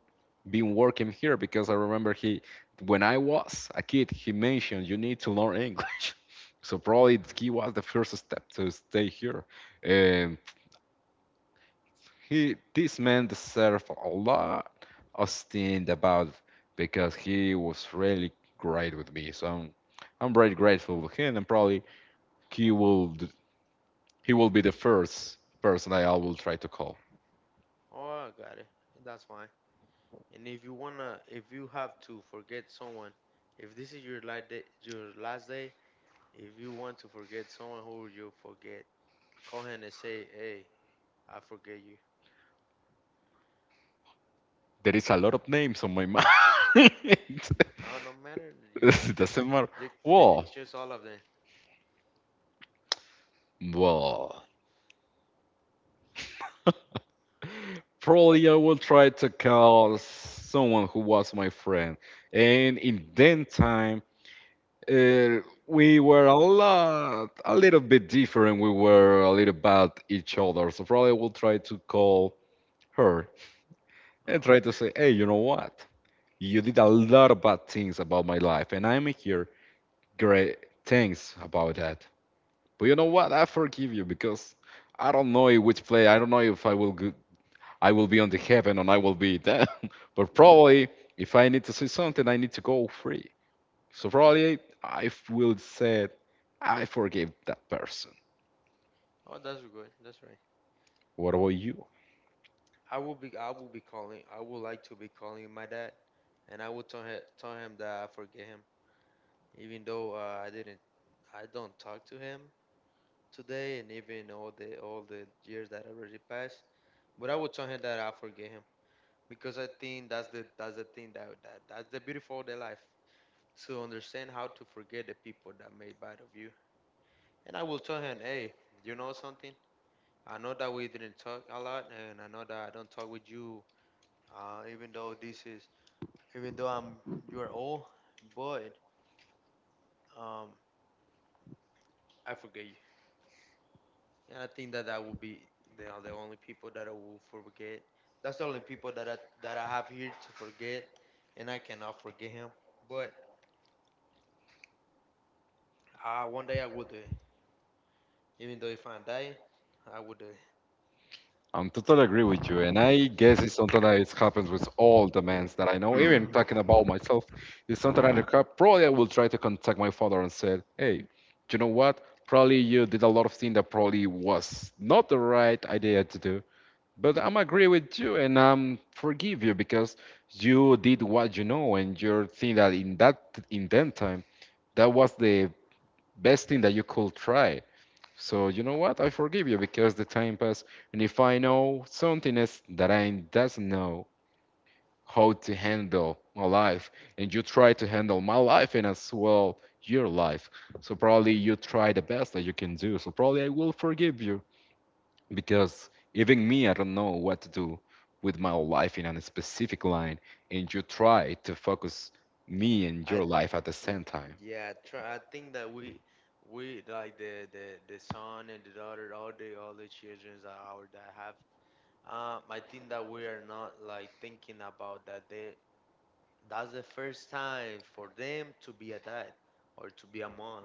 A: be working here because I remember he, when I was a kid, he mentioned you need to learn English. <laughs> So probably he was the first step to stay here. And he, this man deserved a lot of stint about because he was really great with me. So I'm, I'm very grateful to him, and probably he will, d- he will be the first person I will try to call.
B: Oh, I got it. That's fine. And if you wanna, if you have to forget someone, if this is your last day, your last day, if you want to forget someone, who will you forget? Call him and say, "Hey, I forgive you."
A: There is a lot of names on my <laughs> mind. <laughs> It
B: No, no matter. You can choose.
A: doesn't matter.
B: You you can
A: Well,
B: choose all of them.
A: well, <laughs> probably I will try to call someone who was my friend, and in that time Uh, we were a lot, a little bit different. We were a little bad each other. So probably we'll try to call her and
B: Oh,
A: try to say, hey, you know what? You did a lot of bad things about my life, and I'm here. Great, thanks about that. But you know what? I forgive you because I don't know in which play. I don't know if I will go, I will be on the heaven and I will be there. <laughs> But probably if I need to say something, I need to go free. So probably I will say I forgave that person.
B: oh, that's good. That's right.
A: What about you?
B: I will be. I will be calling. I would like to be calling my dad, and I will tell him tell him that I forgive him, even though uh, I didn't. I don't talk to him today, and even all the all the years that already passed. But I would tell him that I forgive him because I think that's the that's the thing that, that that's the beautiful of the life. So understand how to forget the people that made bad of you. And I will tell him, hey, you know something? I know that we didn't talk a lot, and I know that I don't talk with you, uh, even though this is, even though I'm, you are old, but um, I forget you. And I think that that will be you know, the only people that I will forget. That's the only people that I that I have here to forget, and I cannot forget him. But uh, one day I will do it. Even though if I die, I will do it.
A: I'm totally agree with you, and I guess it's something that it happens with all the men that I know. Even talking about myself, it's something that I ca- probably I will try to contact my father and said, "Hey, you know what? Probably you did a lot of things that probably was not the right idea to do, but I'm agree with you and um forgive you because you did what you know and you think that in that in that time that was the best thing that you could try. So you know what? I forgive you because the time passed, and if I know something is that I doesn't know how to handle my life, and you try to handle my life and as well your life, so probably you try the best that you can do. So probably I will forgive you because even me, I don't know what to do with my life in a specific line, and you try to focus me and
B: I.
A: your life at the
B: Mm,
A: same time.
B: Yeah, try, I think that we we like the the the son and the daughter, all the all the children that our dad have. Um, I think that we are not like thinking about that. They That's the first time for them to be a dad or to be a mom.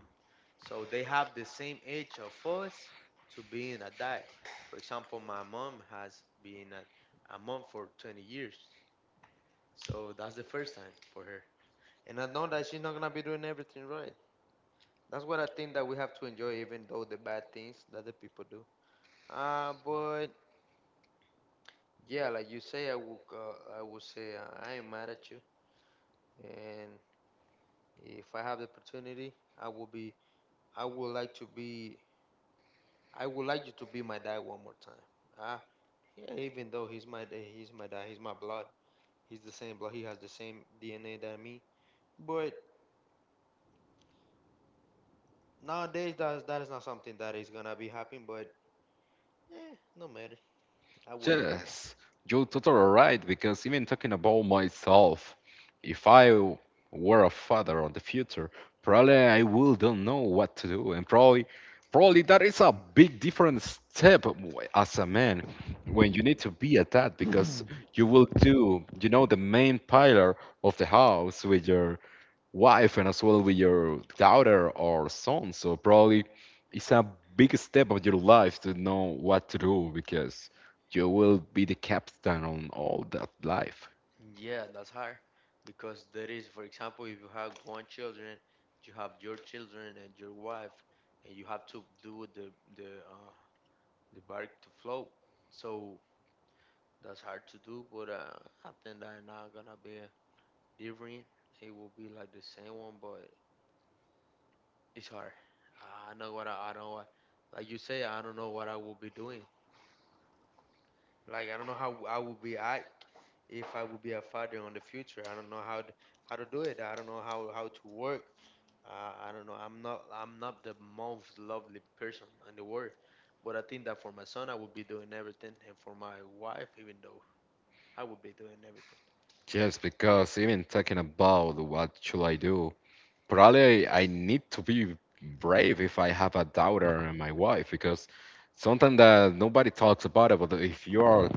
B: So they have the same age of us to being a dad. For example, my mom has been a, a mom for twenty years. So that's the first time for her. And I know that she's not gonna be doing everything right. That's what I think that we have to enjoy, even though the bad things that the people do. Uh, but yeah, like you say, I will, uh, I will say uh, I am mad at you, and if I have the opportunity, I will be, I would like to be, I would like you to be my dad one more time. Uh, yeah, even though he's my, da- he's my dad, he's my blood, he's the same blood, he has the same D N A than me. But nowadays, that that is not something that is gonna be happening. But eh, no matter, I will do.
A: Yes, you're totally right. Because even talking about myself, if I w- were a father of the future, probably I will don't know what to do, and probably, probably that is a big different step w- as a man when you need to be at that because you will do, you know, the main pillar of the house with your wife and as well with your daughter or son. So probably it's a big step of your life to know what to do because you will be the captain on all that life.
B: Yeah, that's hard because there is, for example, if you have one children, you have your children and your wife, and you have to do the the uh, the bark to float. So that's hard to do, but uh, I think that not gonna be different. It will be like the same one, but it's hard. I know what I, I don't what, like you say, I don't know what I will be doing. Like I don't know how I will be act if I will be a father in the future. I don't know how to, how to do it. I don't know how how to work. Uh, I don't know. I'm not. I'm not the most lovely person in the world, but I think that for my son, I would be doing everything, and for my wife, even though I would be doing everything,
A: Just because even talking about what should I do, probably I need to be brave if I have a daughter and my wife because something that nobody talks about it, but if you are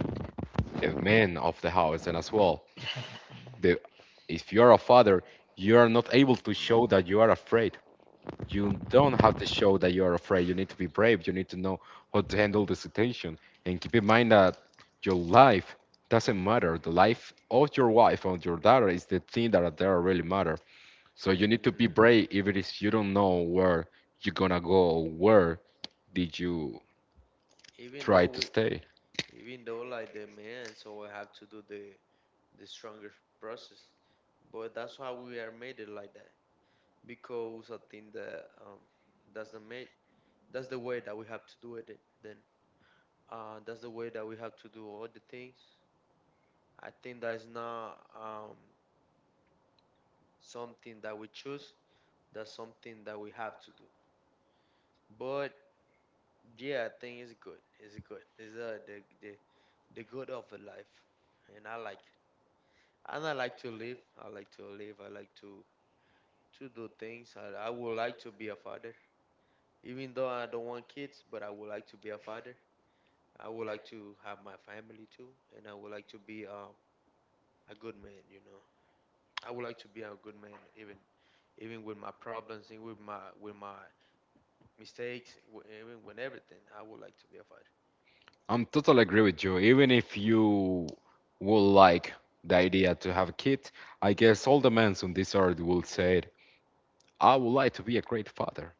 A: the man of the house and as well, the if you are a father, you are not able to show that you are afraid you don't have to show that you are afraid. You need to be brave. You need to know how to handle the situation. And keep in mind that your life doesn't matter. The life of your wife or your daughter is the thing that that really matter. So you need to be
B: and
A: brave even if it is you don't know where you're gonna go or where did you
B: even
A: try
B: though
A: to
B: we,
A: stay.
B: even though like the man, so I have to do the the strongest process. But that's why we are made it like that because I think that um, that's the made that's the way that we have to do it. Then uh, that's the way that we have to do all the things. I think that's not um, something that we choose, that's something that we have to do. But yeah, I think it's good. It's good. It's uh, the the the good of a life, and I like it. And I like to live. I like to live. I like to to do things. I I would like to be a father, even though I don't want kids, but I would like to be a father. I would like to have my family too, and I would like to be um a good man. You know, I would like to be a good man, even even with my problems and with my with my mistakes, w- even when everything, I would like to be a fighter.
A: I'm totally agree with you. Even if you would like the idea to have a kid, I guess all the men on this earth will say it. I would like to be a great father.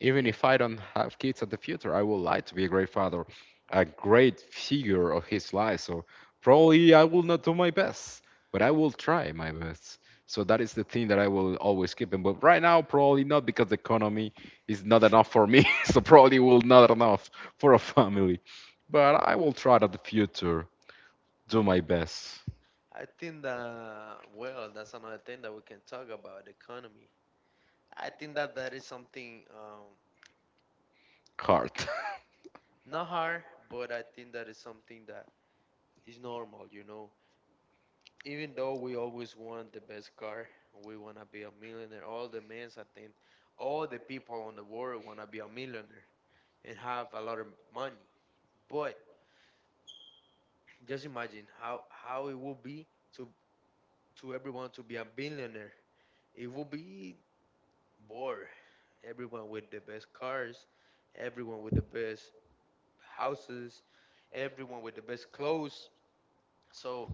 A: Even if I don't have kids in the future, I would like to be a great father, a great figure of his life. So probably I will not do my best, but I will try my best. So that is the thing that I will always keep in. But right now, probably not because the economy is not enough for me. <laughs> So probably will not enough for a family. But I will try that the future, do my best,
B: I think that well, that's another thing that we can talk about the economy. I think that that is something um,
A: hard.
B: not hard, but I think that is something that is normal. You know, even though we always want the best car, we wanna be a millionaire. All the men, I think, all the people in the world wanna be a millionaire and have a lot of money. But just imagine how how it would be to to everyone to be a billionaire. It would be bored. Everyone with the best cars, everyone with the best houses, everyone with the best clothes. So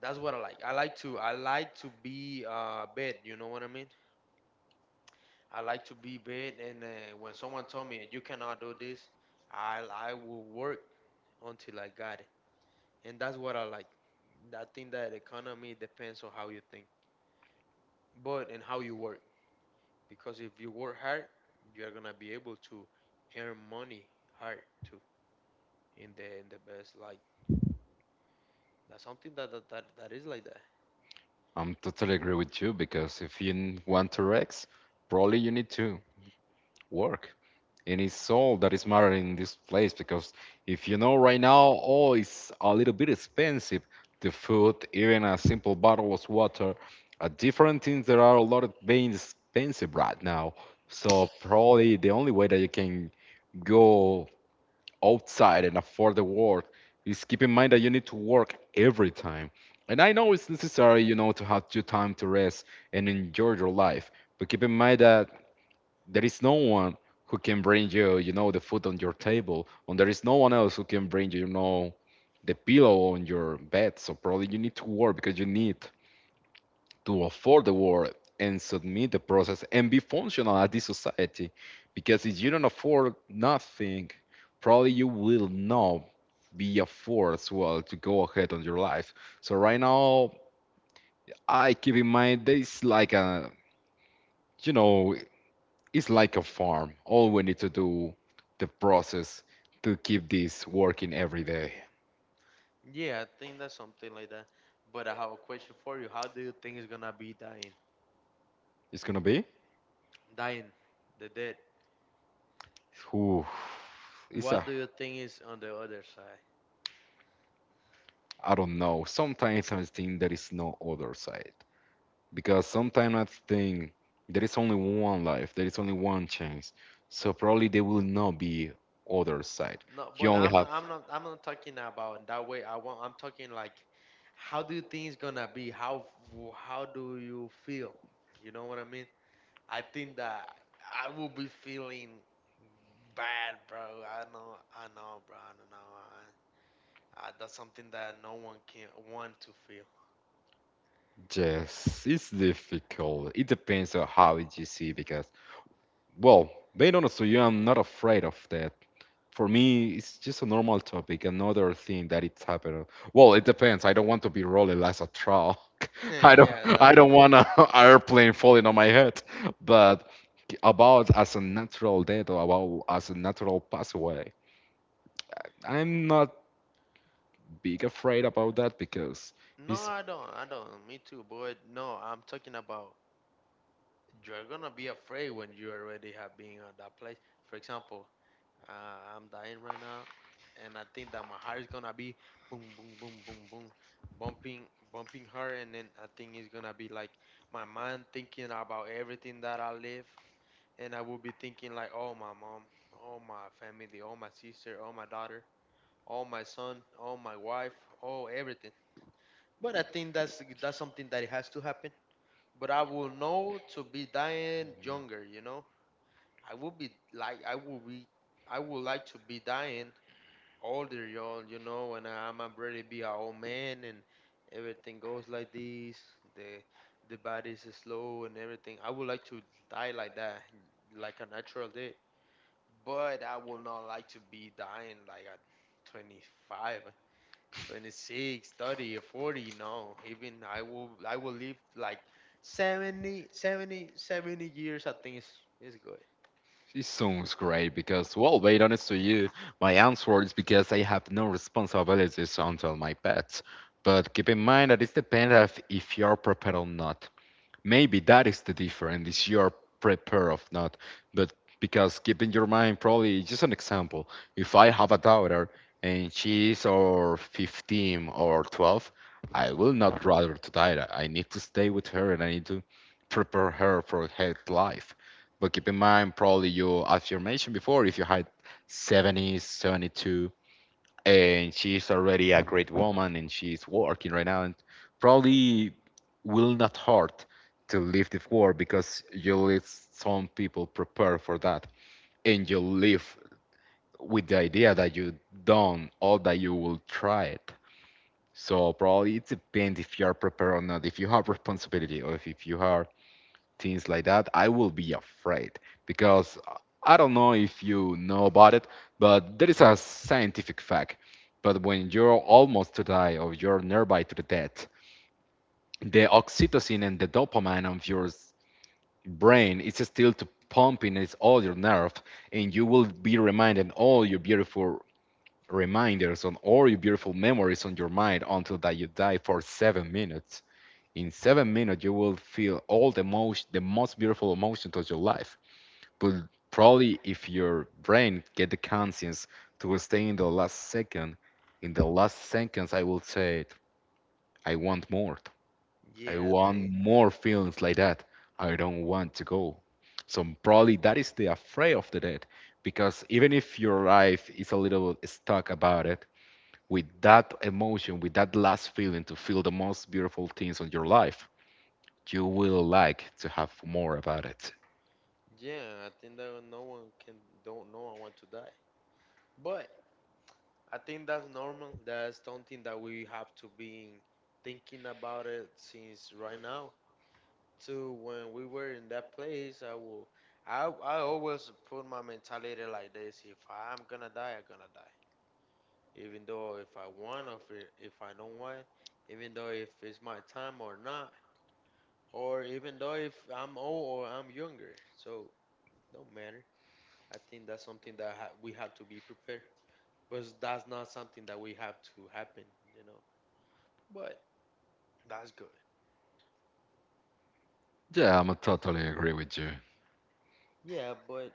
B: that's what I like. I like to I like to be uh bed. You know what I mean? I like to be bed. And uh, when someone told me you cannot do this, I I will work until I got it. And that's what I like. I think that economy depends on how you think, but in how you work. Because if you work hard, you're gonna be able to earn money hard too in the in the best light. That's something that that, that, that is like that.
A: <laughs> I'm totally agree with you because if you want to Rex, probably you need to work in his soul that is matter in this place. Because if you know right now, oh, it's a little bit expensive, the food, even a simple bottle of water, uh, different things that are a lot of being expensive right now. So probably the only way that you can go outside and afford the work is keep in mind that you need to work every time. And I know it's necessary, you know, to have your time to rest and enjoy your life. But keep in mind that there is no one who can bring you, you know, the food on your table, and there is no one else who can bring you, you know, the pillow on your bed. So probably you need to work because you need to afford the work and submit the process and be functional at this society. Because if you don't afford nothing, probably you will not be a force well to go ahead on your life. So right now I keep in mind there is like a, you know, it's like a farm. All we need to do the process to keep this working every day.
B: Yeah, I think that's something like that. But I have a question for you. How do you think it's gonna be dying?
A: It's gonna be.
B: Dying, the dead.
A: Ooh, it's
B: What
A: a.
B: do you think is on the other side?
A: I don't know. Sometimes I think there is no other side, because sometimes I think there is only one life. There is only one chance. So probably there will not be other side.
B: No,
A: You
B: but
A: only
B: I'm
A: have.
B: not, I'm not I'm not talking about that way. I want I'm talking like how do you think it's gonna be? How how do you feel? You know what I mean? I think that I will be feeling bad, bro. I know, I know, bro. I don't know. I, I, that's something that no one can want to feel.
A: Yes, it's difficult. It depends on how you see because, well, being honest with you, I'm not afraid of that. For me, it's just a normal topic, another thing that it's happening. Well, it depends. I don't want to be rolling as a truck.
B: <laughs>
A: <laughs> I don't,
B: yeah,
A: I
B: that's that.
A: don't want an <laughs> airplane falling on my head. But about as a natural death or about as a natural pass away, I'm not big afraid about that because
B: No,
A: it's.
B: I don't. I don't. Me too, but no, I'm talking about you're gonna be afraid when you already have been on that place. For example, Uh, I'm dying right now, and I think that my heart is gonna be boom, boom, boom, boom, boom, bumping, bumping hard, and then I think it's gonna be like my mind thinking about everything that I live, and I will be thinking like, oh my mom, oh my family, oh my sister, oh my daughter, oh my son, oh my wife, oh everything. But I think that's that's something that it has to happen. But I will know to be dying younger, you know. I will be like I will be I would like to be dying older, y'all, you know, and I'm ready be a old man and everything goes like this. The the body's slow and everything. I would like to die like that, like a natural death. But I would not like to be dying like at twenty-five, twenty-six, thirty, or forty. No, even I will I will live like seventy, seventy, seventy years. I think is is good.
A: It sounds great because, well, being honest to you, my answer is because I have no responsibilities until my pets. But keep in mind that it depends of if you're prepared or not. Maybe that is the difference. Is you're prepared of not, but because keep in your mind probably just an example. If I have a daughter and she's or fifteen or twelve, I will not rather to die. I need to stay with her and I need to prepare her for her life. But keep in mind probably you, as you mentioned before, if you had seventy, seventy-two and she's already a great woman and she's working right now, and probably will not hurt to leave the war because you let some people prepare for that and you live with the idea that you done all that you will try it. So probably it depends if you are prepared or not, if you have responsibility, or if, if you are things like that, I will be afraid because I don't know if you know about it, but there is a scientific fact. But when you're almost to die or you're nearby to the death, the oxytocin and the dopamine of your s- brain is still to pumping it's all your nerve, and you will be reminded all your beautiful reminders on all your beautiful memories on your mind until that you die for seven minutes. In seven minutes you will feel all the most the most beautiful emotions of your life. But probably if your brain get the conscience to stay in the last second, in the last seconds I will say it, I want more. I
B: Yeah, I
A: want
B: think.
A: more feelings like that. I don't want to go. So probably that is the afraid of the death. Because even if your life is a little stuck about it, with that emotion, with that last feeling to feel the most beautiful things on your life, you will like to have more about it.
B: Yeah, I think that no one can don't know I want to die. But I think that's normal. That's something that we have to be thinking about it since right now. To when we were in that place, I will. I I always put my mentality like this: if I'm gonna die, I'm gonna die. Even though if I want or if, it- if I don't want, even though if it's my time or not, or even though if I'm old or I'm younger, so don't matter. I think that's something that ha- we have to be prepared. But that's not something that we have to happen, you know. But that's good.
A: Yeah, I'm totally agree with you.
B: Yeah, but